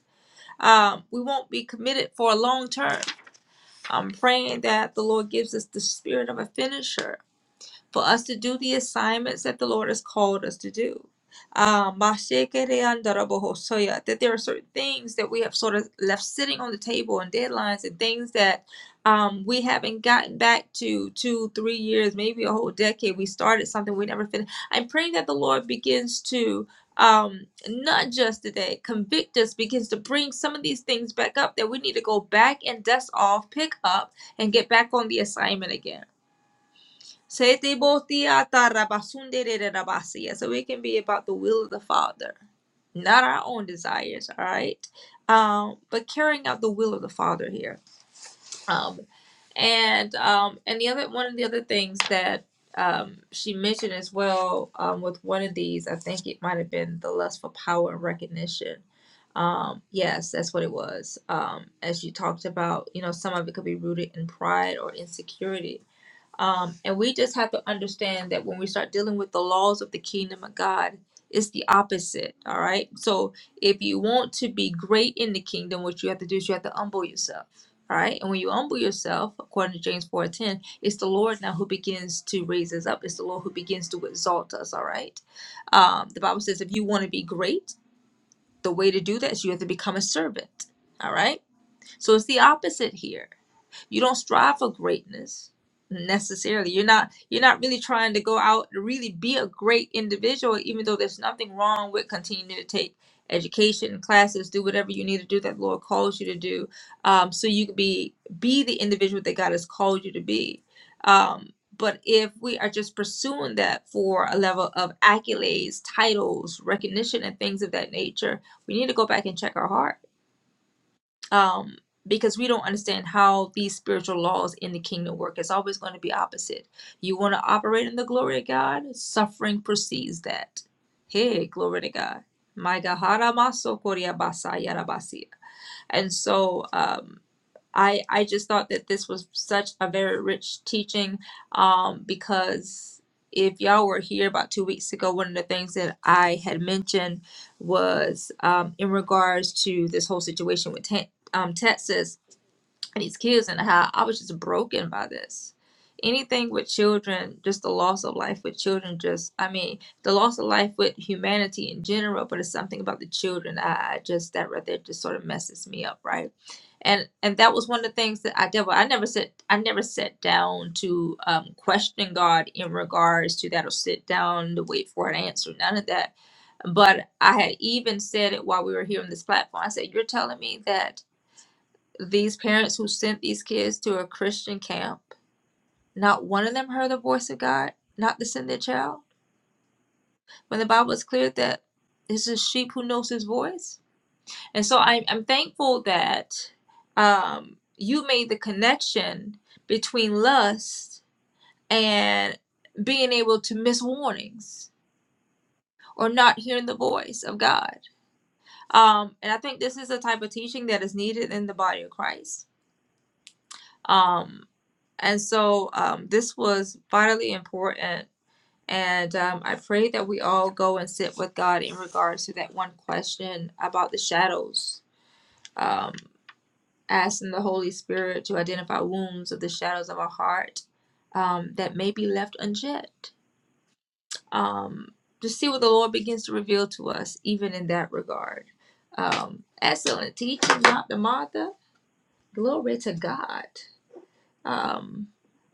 Um, we won't be committed for a long term. I'm praying that the Lord gives us the spirit of a finisher for us to do the assignments that the Lord has called us to do. Um, that there are certain things that we have sort of left sitting on the table and deadlines and things that um, we haven't gotten back to two, three years, maybe a whole decade. We started something we never finished. I'm praying that the Lord begins to um, not just today, convict us, begins to bring some of these things back up that we need to go back and dust off, pick up, and get back on the assignment again Setebotiatarabasundere-rabasiya. So it can be about the will of the Father, not our own desires, all right? Um, but carrying out the will of the Father here. Um, and um, and the other one of the other things that um, she mentioned as well um, with one of these, I think it might have been the lust for power and recognition. Um, yes, that's what it was. Um, as you talked about, you know, some of it could be rooted in pride or insecurity um, and we just have to understand that when we start dealing with the laws of the kingdom of God, it's the opposite. All right. So if you want to be great in the kingdom, what you have to do is you have to humble yourself. All right. And when you humble yourself, according to James 4 10, it's the Lord now who begins to raise us up. It's the Lord who begins to exalt us. All right. Um, the Bible says if you want to be great, the way to do that is you have to become a servant. All right. So it's the opposite here. You don't strive for greatness necessarily. You're not you're not really trying to go out to really be a great individual, even though there's nothing wrong with continuing to take education classes, do whatever you need to do that the Lord calls you to do, um, so you can be be the individual that God has called you to be. Um, but if we are just pursuing that for a level of accolades, titles, recognition, and things of that nature, we need to go back and check our heart um, because we don't understand how these spiritual laws in the kingdom work. It's always going to be opposite. You want to operate in the glory of God, suffering precedes that. Hey, glory to God. My God. maso koria basa yara basia. And so, um. I I just thought that this was such a very rich teaching um, because if y'all were here about two weeks ago, one of the things that I had mentioned was um, in regards to this whole situation with te- um, Texas these kids and how I was just broken by this. Anything with children, just the loss of life with children, just I mean, the loss of life with humanity in general, but it's something about the children. I, I just that right there just sort of messes me up, right? And and that was one of the things that I did. Well, I never said I never sat down to um, question God in regards to that, or sit down to wait for an answer. None of that. But I had even said it while we were here on this platform. I said, "You're telling me that." these parents who sent these kids to a Christian camp, not one of them heard the voice of God, not to send their child. When the Bible is clear that it's a sheep who knows his voice. And so I'm, I'm thankful that um, you made the connection between lust and being able to miss warnings or not hearing the voice of God. Um, and I think this is the type of teaching that is needed in the body of Christ. Um, And so um, this was vitally important. And um, I pray that we all go and sit with God in regards to that one question about the shadows, um, asking the Holy Spirit to identify wounds of the shadows of our heart um, that may be left unchecked. Um, to see what the Lord begins to reveal to us, even in that regard. Um, excellent teaching, Dr. Martha. Glory to God. Um,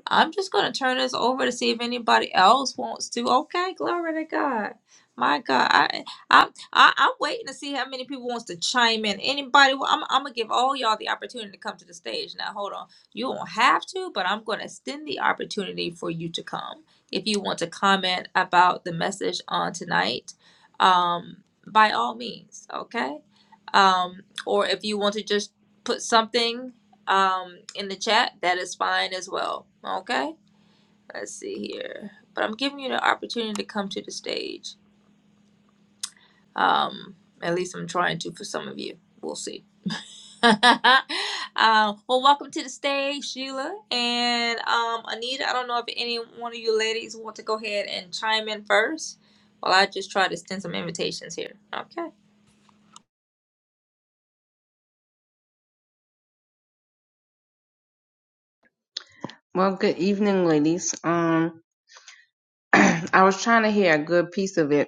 I'm just going to turn this over to see if anybody else wants to. Okay, glory to God. My God, I, I, I, I'm waiting to see how many people wants to chime in. Anybody? wa- I'm, I'm gonna give all y'all the opportunity to come to the stage. Now, hold on. You don't have to, but I'm gonna extend the opportunity for you to come if you want to comment about the message on tonight. Um, by all means, okay. Um, or if you want to just put something um in the chat, that is fine as well. Okay? Let's see here. But I'm giving you the opportunity to come to the stage. Um at least I'm trying to for some of you. We'll see. um, well, welcome to the stage, Sheila and um, Anita. I don't know if any one of you ladies want to go ahead and chime in first. While I just try to send some invitations here. Okay. Well, good evening, ladies. Um, I was trying to hear a good piece of it,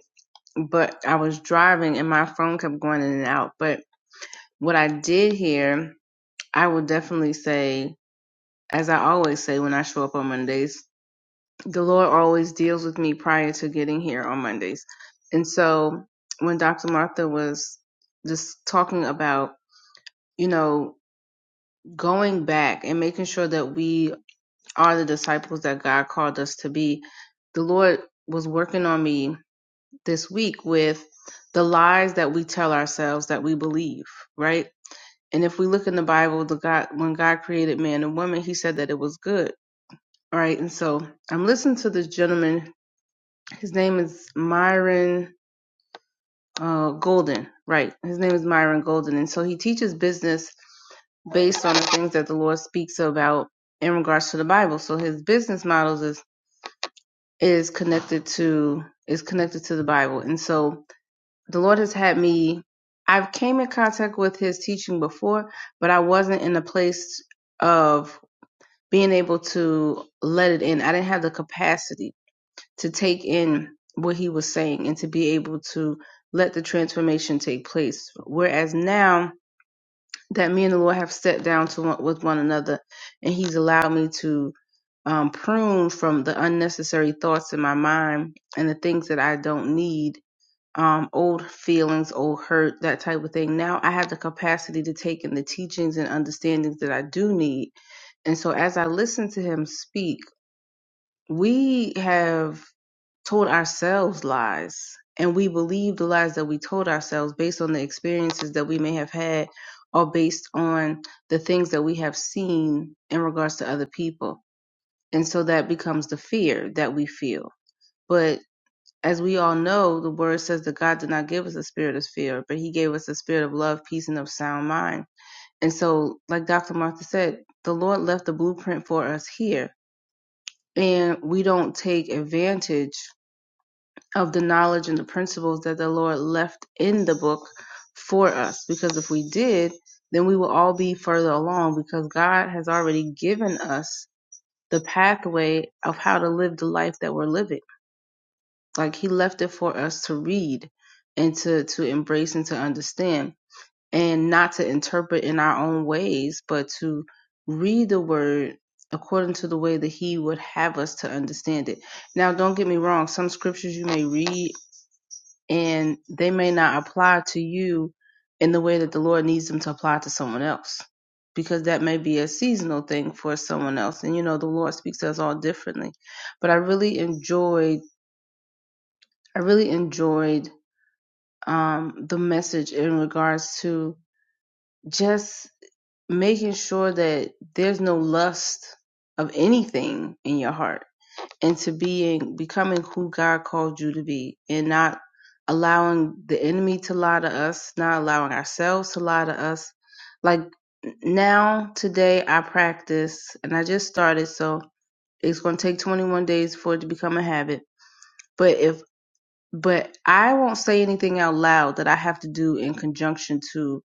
but I was driving and my phone kept going in and out. But what I did hear, I would definitely say, as I always say when I show up on Mondays, the Lord always deals with me prior to getting here on Mondays. And so when Dr. Martha was just talking about, you know, going back and making sure that we are the disciples that God called us to be. The Lord was working on me this week with the lies that we tell ourselves that we believe, right? And if we look in the Bible, the God when God created man and woman, he said that it was good. All right. And so I'm listening to this gentleman. His name is Myron uh, Golden. Right. His name is Myron Golden. And so he teaches business based on the things that the Lord speaks about in regards to the Bible. So his business models is is connected to is connected to the Bible. And so the Lord has had me I've came in contact with his teaching before, but I wasn't in a place of being able to let it in. I didn't have the capacity to take in what he was saying and to be able to let the transformation take place. Whereas now that me and the Lord have stepped down to one, with one another, and He's allowed me to um, prune from the unnecessary thoughts in my mind and the things that I don't need, um, old feelings, old hurt, that type of thing. Now I have the capacity to take in the teachings and understandings that I do need. And so as I listen to Him speak, we have told ourselves lies and we believed the lies that we told ourselves based on the experiences that we may have had or based on the things that we have seen in regards to other people. And so that becomes the fear that we feel. But as we all know, the word says that God did not give us a spirit of fear, but he gave us a spirit of love, peace, and of sound mind. And so, like Dr. Martha said, the Lord left the blueprint for us here. And we don't take advantage of the knowledge and the principles that the Lord left in the book for us. Because if we did, then we will all be further along because God has already given us the pathway of how to live the life that we're living. Like He left it for us to read and to, to embrace and to understand and not to interpret in our own ways, but to read the word according to the way that He would have us to understand it. Now, don't get me wrong, some scriptures you may read and they may not apply to you in the way that the Lord needs them to apply to someone else because that may be a seasonal thing for someone else and you know the Lord speaks to us all differently but I really enjoyed I really enjoyed um the message in regards to just making sure that there's no lust of anything in your heart into being becoming who God called you to be and not allowing the enemy to lie to us, not allowing ourselves to lie to us. Like now today I practice and I just started so it's going to take 21 days for it to become a habit. But if but I won't say anything out loud that I have to do in conjunction to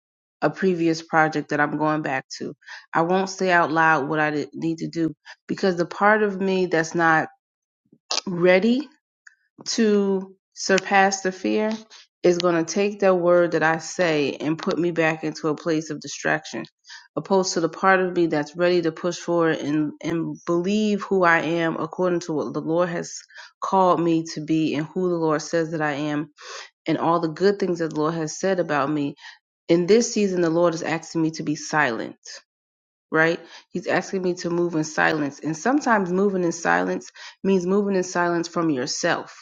a previous project that I'm going back to. I won't say out loud what I did- need to do because the part of me that's not ready to surpass the fear is going to take that word that I say and put me back into a place of distraction, opposed to the part of me that's ready to push forward and, and believe who I am according to what the Lord has called me to be and who the Lord says that I am and all the good things that the Lord has said about me. In this season, the Lord is asking me to be silent. Right? He's asking me to move in silence. And sometimes moving in silence means moving in silence from yourself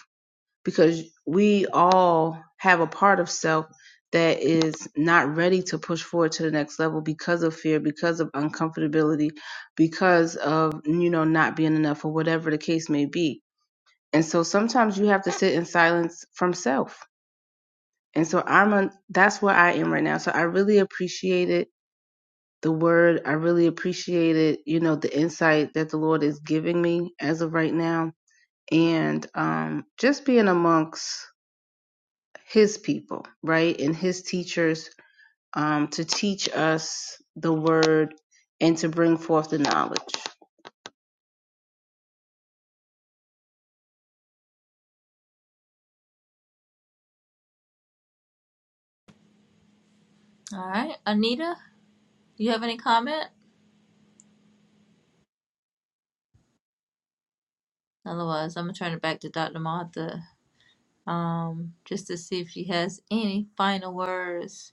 because we all have a part of self that is not ready to push forward to the next level because of fear, because of uncomfortability, because of, you know, not being enough or whatever the case may be. And so sometimes you have to sit in silence from self. And so I'm on, that's where I am right now. So I really appreciated the word. I really appreciated, you know, the insight that the Lord is giving me as of right now. And um, just being amongst his people, right? And his teachers um, to teach us the word and to bring forth the knowledge. All right. Anita, Do you have any comment? Otherwise, I'm going to turn it back to Dr. Martha. um, just to see if she has any final words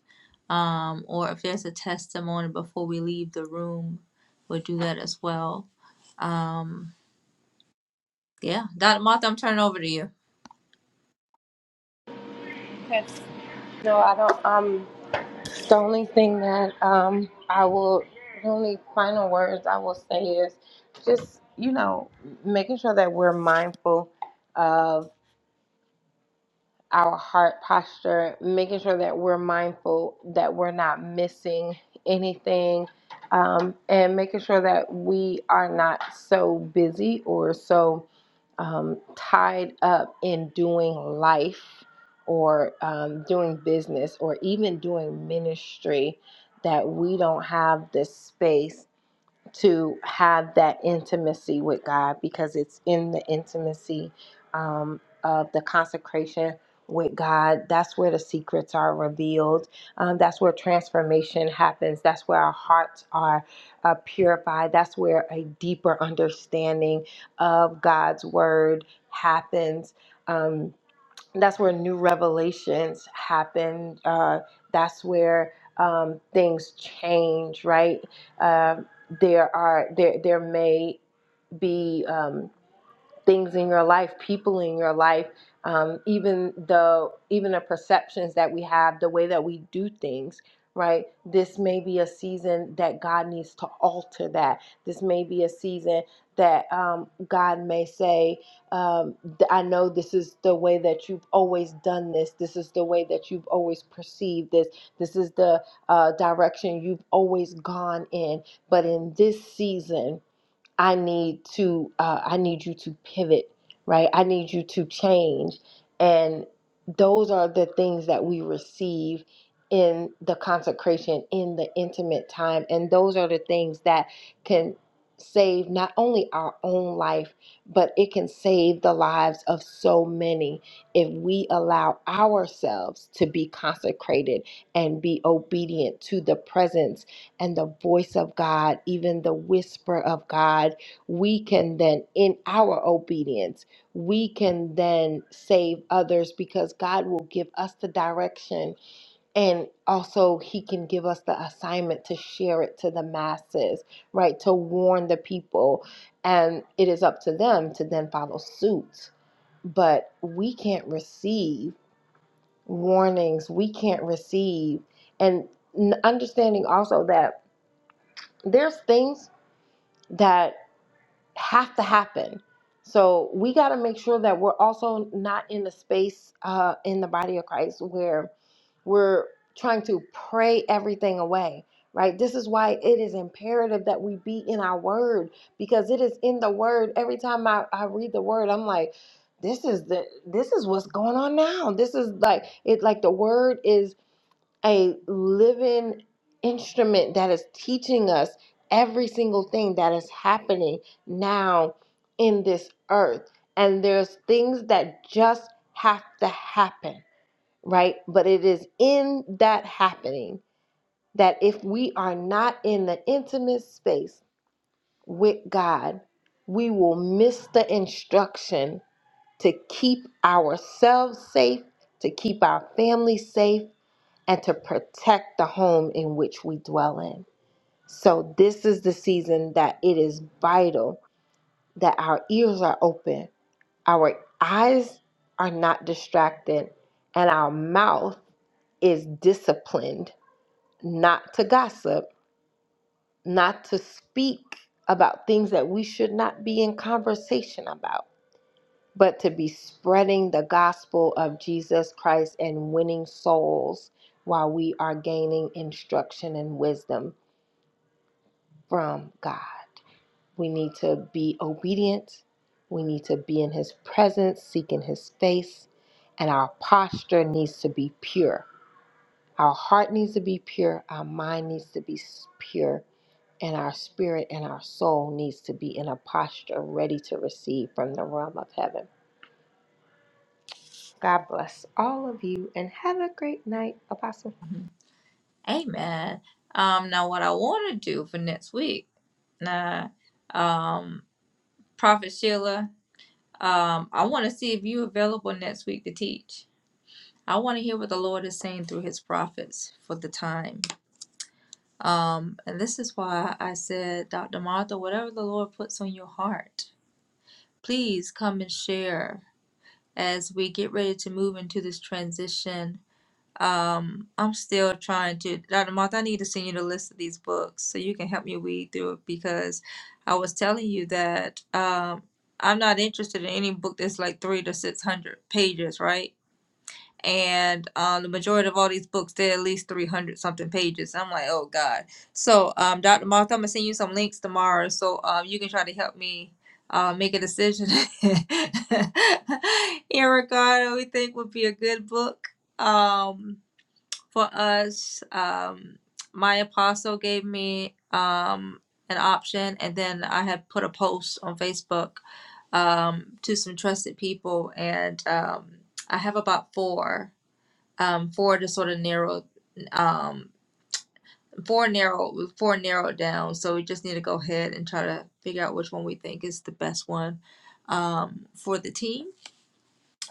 um, or if there's a testimony before we leave the room. We'll do that as well. Um, yeah, Dr. Martha, I'm turning over to you. Okay. No, I don't. Um, the only thing that um, I will, the only final words I will say is just, you know, making sure that we're mindful of. our heart posture, making sure that we're mindful that we're not missing anything, um, and making sure that we are not so busy or so um, tied up in doing life or um, doing business or even doing ministry that we don't have the space to have that intimacy with God because it's in the intimacy um, of the consecration with God. That's where the secrets are revealed. Um, that's where transformation happens. That's where our hearts are uh, purified. That's where a deeper understanding of God's word happens. Um, that's where new revelations happen. Uh, that's where um, things change, right? Um there are there there may be. Um, things in your life, people in your life, um, even the even the perceptions that we have, the way that we do things. Right. This may be a season that God needs to alter that. This may be a season that um, God may say, um, I know this is the way that you've always done this. This is the way that you've always perceived this. This is the uh, direction you've always gone in. But in this season, I need to uh, I need you to pivot, right? I need you to change. And those are the things that we receive in the consecration, in the intimate time. And those are the things that can save not only our own life, but it can save the lives of so many if we allow ourselves to be consecrated and be obedient to the presence and the voice of God, even the whisper of God, we can then, in our obedience, we can then save others because God will give us the direction and also He can give us the assignment to share it to the masses, right? To warn the people. And it is up to them to then follow suit. But we can't receive warnings, we can't receive, and n- understanding also that there's things that have to happen. So we got to make sure that we're also not in the space uh, in the body of Christ where we're trying to pray everything away, right? This is why it is imperative that we be in our word because it is in the word. Every time I, I read the word, I'm like, this is the this is what's going on now. This is like it like the word is a living instrument that is teaching us every single thing that is happening now in this earth. And there's things that just have to happen, right? But it is in that happening that if we are not in the intimate space with God, we will miss the instruction to keep ourselves safe, to keep our family safe and to protect the home in which we dwell in. So, this is the season that it is vital that our ears are open, our eyes are not distracted, and our mouth is disciplined not to gossip, not to speak about things that we should not be in conversation about, but to be spreading the gospel of Jesus Christ and winning souls while we are gaining instruction and wisdom from God. We need to be obedient. We need to be in His presence, seeking His face. And our posture needs to be pure. Our heart needs to be pure. Our mind needs to be s- pure. And our spirit and our soul needs to be in a posture ready to receive from the realm of heaven. God bless all of you and have a great night. Apostle. Mhm. Amen. Um, now, what I want to do for next week, now, um, Prophet Sheila, um, I want to see if you're available next week to teach. I want to hear what the Lord is saying through his prophets for the time. Um, and this is why I said, Dr. Martha, whatever the Lord puts on your heart, please come and share as we get ready to move into this transition. Um, I'm still trying to, Dr. Martha, I need to send you the list of these books so you can help me weed through it because I was telling you that um, I'm not interested in any book that's like three to 600 pages, right? and um, the majority of all these books they're at least 300 something pages i'm like oh god so um, dr martha i'm gonna send you some links tomorrow so um, you can try to help me uh, make a decision in regard to what we think would be a good book um, for us um, my apostle gave me um, an option and then i had put a post on facebook um, to some trusted people and um, i have about four um four just sort of narrowed um four narrow four narrowed down so we just need to go ahead and try to figure out which one we think is the best one um for the team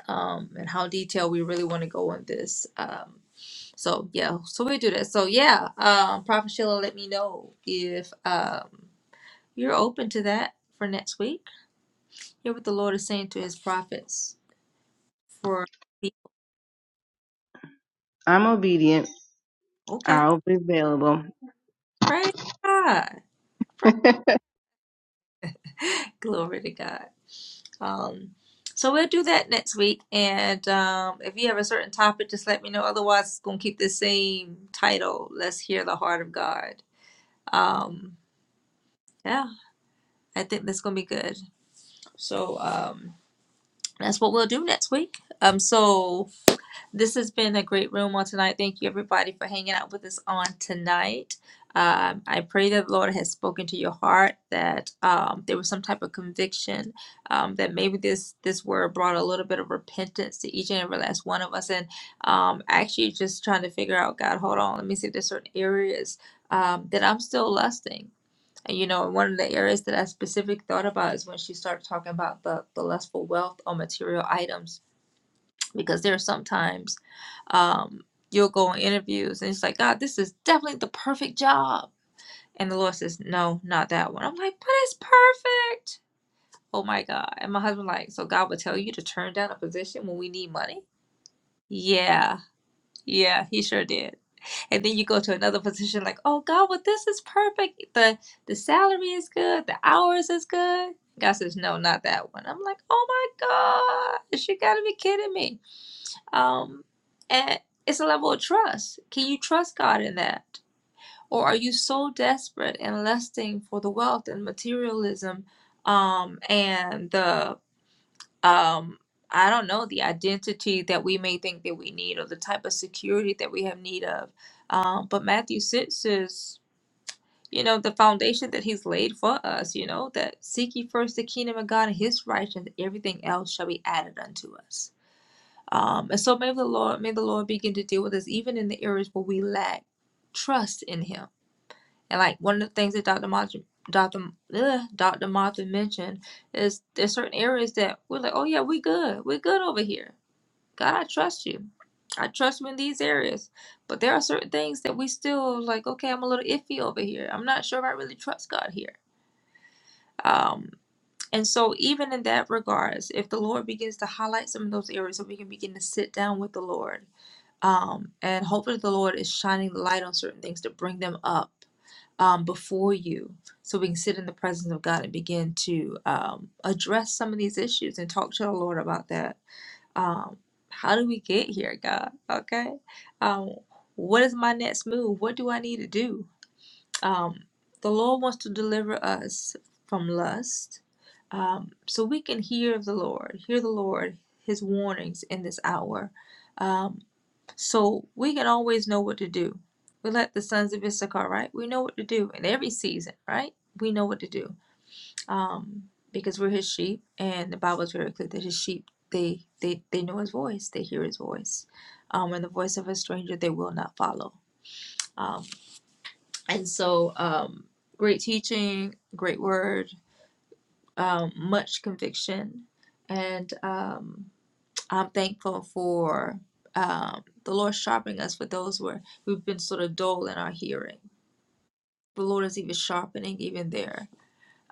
um and how detailed we really want to go on this um so yeah so we do that so yeah um prophet sheila let me know if um you're open to that for next week hear what the lord is saying to his prophets for I'm obedient. okay I'll be available. praise god Glory to God. Um, so we'll do that next week. And um, if you have a certain topic, just let me know. Otherwise, it's going to keep the same title Let's Hear the Heart of God. Um, yeah, I think that's going to be good. So um, that's what we'll do next week. Um, so This has been a great room on tonight. Thank you, everybody, for hanging out with us on tonight. Um, I pray that the Lord has spoken to your heart, that um, there was some type of conviction, um, that maybe this this word brought a little bit of repentance to each and every last one of us, and um, actually just trying to figure out, God, hold on, let me see, if there's certain areas um, that I'm still lusting. And you know, one of the areas that I specifically thought about is when she started talking about the, the lustful wealth on material items because there are sometimes um, you'll go on interviews and it's like, God, this is definitely the perfect job. And the Lord says, No, not that one. I'm like, but it's perfect. Oh my God. And my husband like, so God would tell you to turn down a position when we need money? Yeah, yeah, he sure did. And then you go to another position like, oh God, well this is perfect. The the salary is good, the hours is good. God says, No, not that one. I'm like, oh my gosh, you gotta be kidding me. Um, and it's a level of trust. Can you trust God in that? Or are you so desperate and lusting for the wealth and materialism um, and the, um, I don't know, the identity that we may think that we need or the type of security that we have need of? Um, but Matthew 6 says, you know, the foundation that he's laid for us, you know, that seek ye first the kingdom of God and his righteousness, everything else shall be added unto us. Um, and so may the Lord may the Lord begin to deal with us even in the areas where we lack trust in Him. And like one of the things that Dr. Martha, Dr. Ugh, Dr. Martha mentioned is there's certain areas that we're like, oh yeah, we good, we're good over here. God, I trust you. I trust you in these areas. But there are certain things that we still like, okay, I'm a little iffy over here. I'm not sure if I really trust God here. Um, and so even in that regards, if the Lord begins to highlight some of those areas that we can begin to sit down with the Lord um, and hopefully the Lord is shining the light on certain things to bring them up um, before you, so we can sit in the presence of God and begin to um, address some of these issues and talk to the Lord about that. Um, how do we get here, God? Okay, um, what is my next move? What do I need to do? Um, the Lord wants to deliver us from lust, um, so we can hear the Lord, hear the Lord, His warnings in this hour. Um, so we can always know what to do. We let the sons of Issachar, right? We know what to do in every season, right? We know what to do um, because we're his sheep, and the Bible is very clear that his sheep they they they know his voice, they hear his voice, um, and the voice of a stranger they will not follow. Um, and so, um, great teaching, great word, um, much conviction, and um, I'm thankful for um, the Lord sharpening us for those where we've been sort of dull in our hearing. The Lord is even sharpening even there.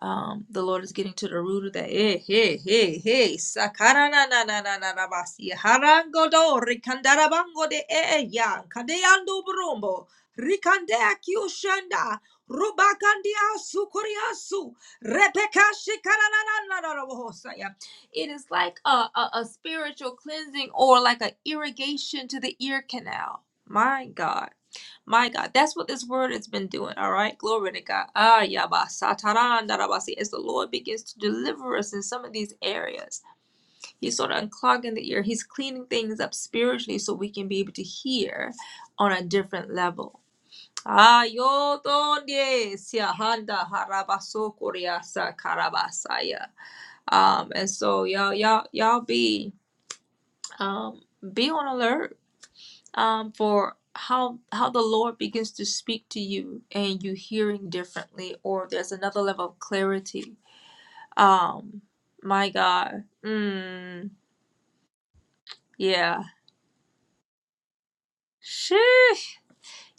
Um, the Lord is getting to the root of that. Hey, hey, hey, hey. Sakara na na na na na na basi. Harango do rikandarabango de e ya. Kadeyandu brumbo. Rikandea kiushanda. Rubakandia sukuriasu. Rebeka shikara na na na na na bohosaya. It is like a, a, a spiritual cleansing or like an irrigation to the ear canal. My God. My God, that's what this word has been doing, all right? Glory to God. Ah, yaba, sataran, darabasi. As the Lord begins to deliver us in some of these areas, He's sort of unclogging the ear. He's cleaning things up spiritually so we can be able to hear on a different level. Ah, yo donde siahanda harabaso koreasa karabasaya. Um, and so y'all, y'all, y'all be um be on alert um, for how how the Lord begins to speak to you and you hearing differently, or there's another level of clarity. Um, my God, mm, yeah, sheesh,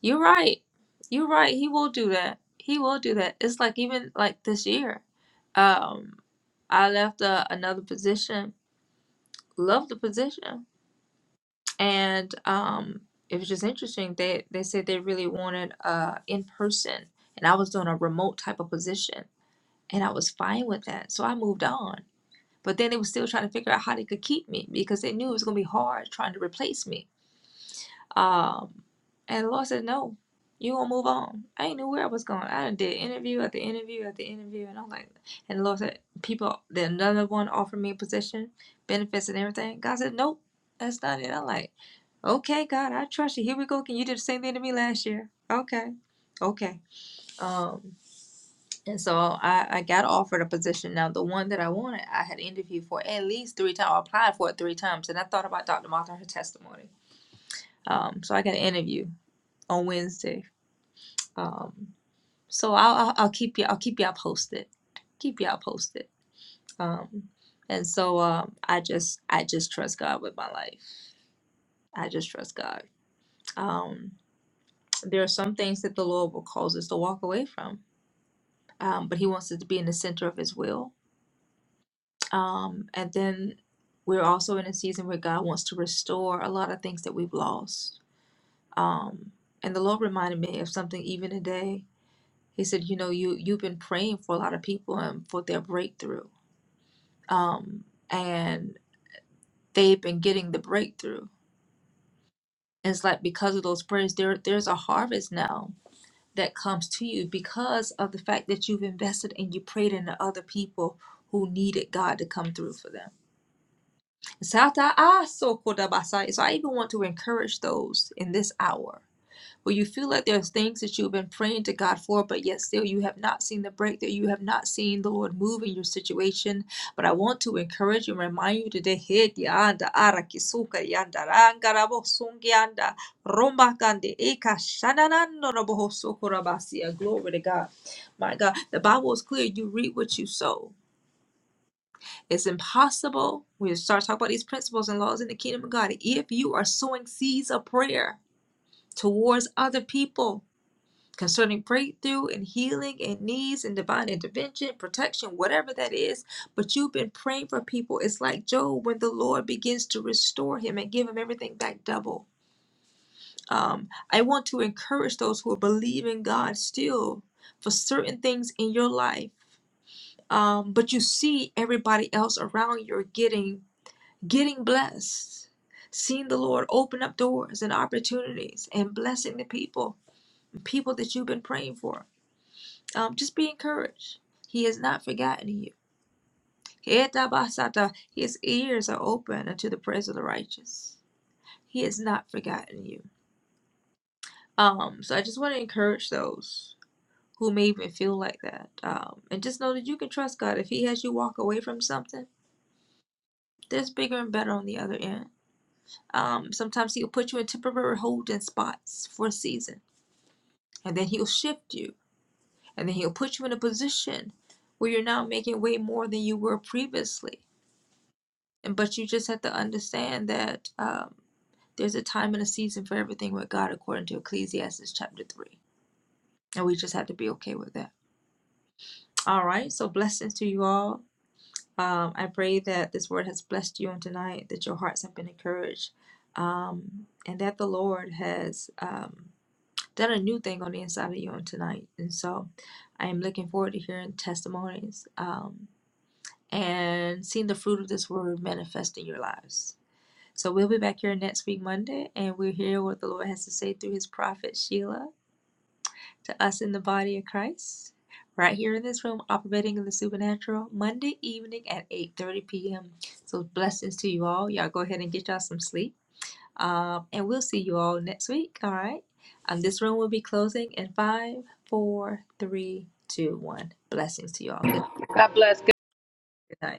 you're right, you're right. He will do that. He will do that. It's like even like this year, um, I left uh, another position, Love the position, and um, it was just interesting. They they said they really wanted uh in person, and I was doing a remote type of position, and I was fine with that. So I moved on. But then they were still trying to figure out how they could keep me because they knew it was gonna be hard trying to replace me. Um, and the Lord said, "No, you gonna move on." I ain't knew where I was going. I done did interview at the interview at the interview, and I'm like, and the Lord said, "People." Then another one offered me a position, benefits, and everything. God said, "Nope, that's not it." I'm like. Okay, God, I trust you. Here we go Can You did the same thing to me last year. Okay. Okay. Um, and so I, I got offered a position. Now, the one that I wanted, I had interviewed for at least three times, or applied for it three times. And I thought about Dr. Martha, her testimony. Um, so I got an interview on Wednesday. Um, so I'll, I'll, I'll keep you, I'll keep y'all posted. Keep y'all posted. Um, and so, um, I just, I just trust God with my life. I just trust God. Um, There are some things that the Lord will cause us to walk away from, um, but He wants us to be in the center of His will. Um, and then we're also in a season where God wants to restore a lot of things that we've lost. Um, and the Lord reminded me of something even today. He said, "You know, you you've been praying for a lot of people and for their breakthrough, um, and they've been getting the breakthrough. And it's like because of those prayers, there there's a harvest now that comes to you because of the fact that you've invested and you prayed into other people who needed God to come through for them. So I even want to encourage those in this hour where you feel like there's things that you've been praying to God for, but yet still you have not seen the breakthrough. You have not seen the Lord move in your situation. But I want to encourage you and remind you today, "Hey, dianda, ara kisuka, yanda, ranga, yanda, romba, eka, shananando, rabo, hosoko, rabasia." Glory to God. My God, the Bible is clear. You reap what you sow. It's impossible. We start talking about these principles and laws in the kingdom of God. If you are sowing seeds of prayer towards other people, concerning breakthrough and healing and needs and divine intervention, protection, whatever that is. But you've been praying for people. It's like Job when the Lord begins to restore him and give him everything back double. Um, I want to encourage those who are believing God still for certain things in your life. Um, but you see everybody else around you are getting getting blessed, seeing the Lord open up doors and opportunities and blessing the people, people that you've been praying for. Um, just be encouraged. He has not forgotten you. Etabasata, His ears are open unto the prayers of the righteous. He has not forgotten you. Um, so I just want to encourage those who may even feel like that. Um, and just know that you can trust God. If He has you walk away from something, there's bigger and better on the other end. Um, sometimes He'll put you in temporary holding spots for a season, and then He'll shift you, and then He'll put you in a position where you're now making way more than you were previously And but you just have to understand that um, there's a time and a season for everything with God, according to Ecclesiastes chapter three, and we just have to be okay with that. All right. So blessings to you all. Um, I pray that this word has blessed you on tonight, that your hearts have been encouraged, um, and that the Lord has um, done a new thing on the inside of you on tonight. And so, I am looking forward to hearing testimonies um, and seeing the fruit of this word manifest in your lives. So we'll be back here next week, Monday, and we'll hear what the Lord has to say through his prophet Sheila to us in the body of Christ. Right here in this room, operating in the supernatural, Monday evening at 8:30 p.m. So blessings to you all. Y'all go ahead and get y'all some sleep. Um, and we'll see you all next week. All right. Um, this room will be closing in five, four, three, two, one. Blessings to you all. Good good night.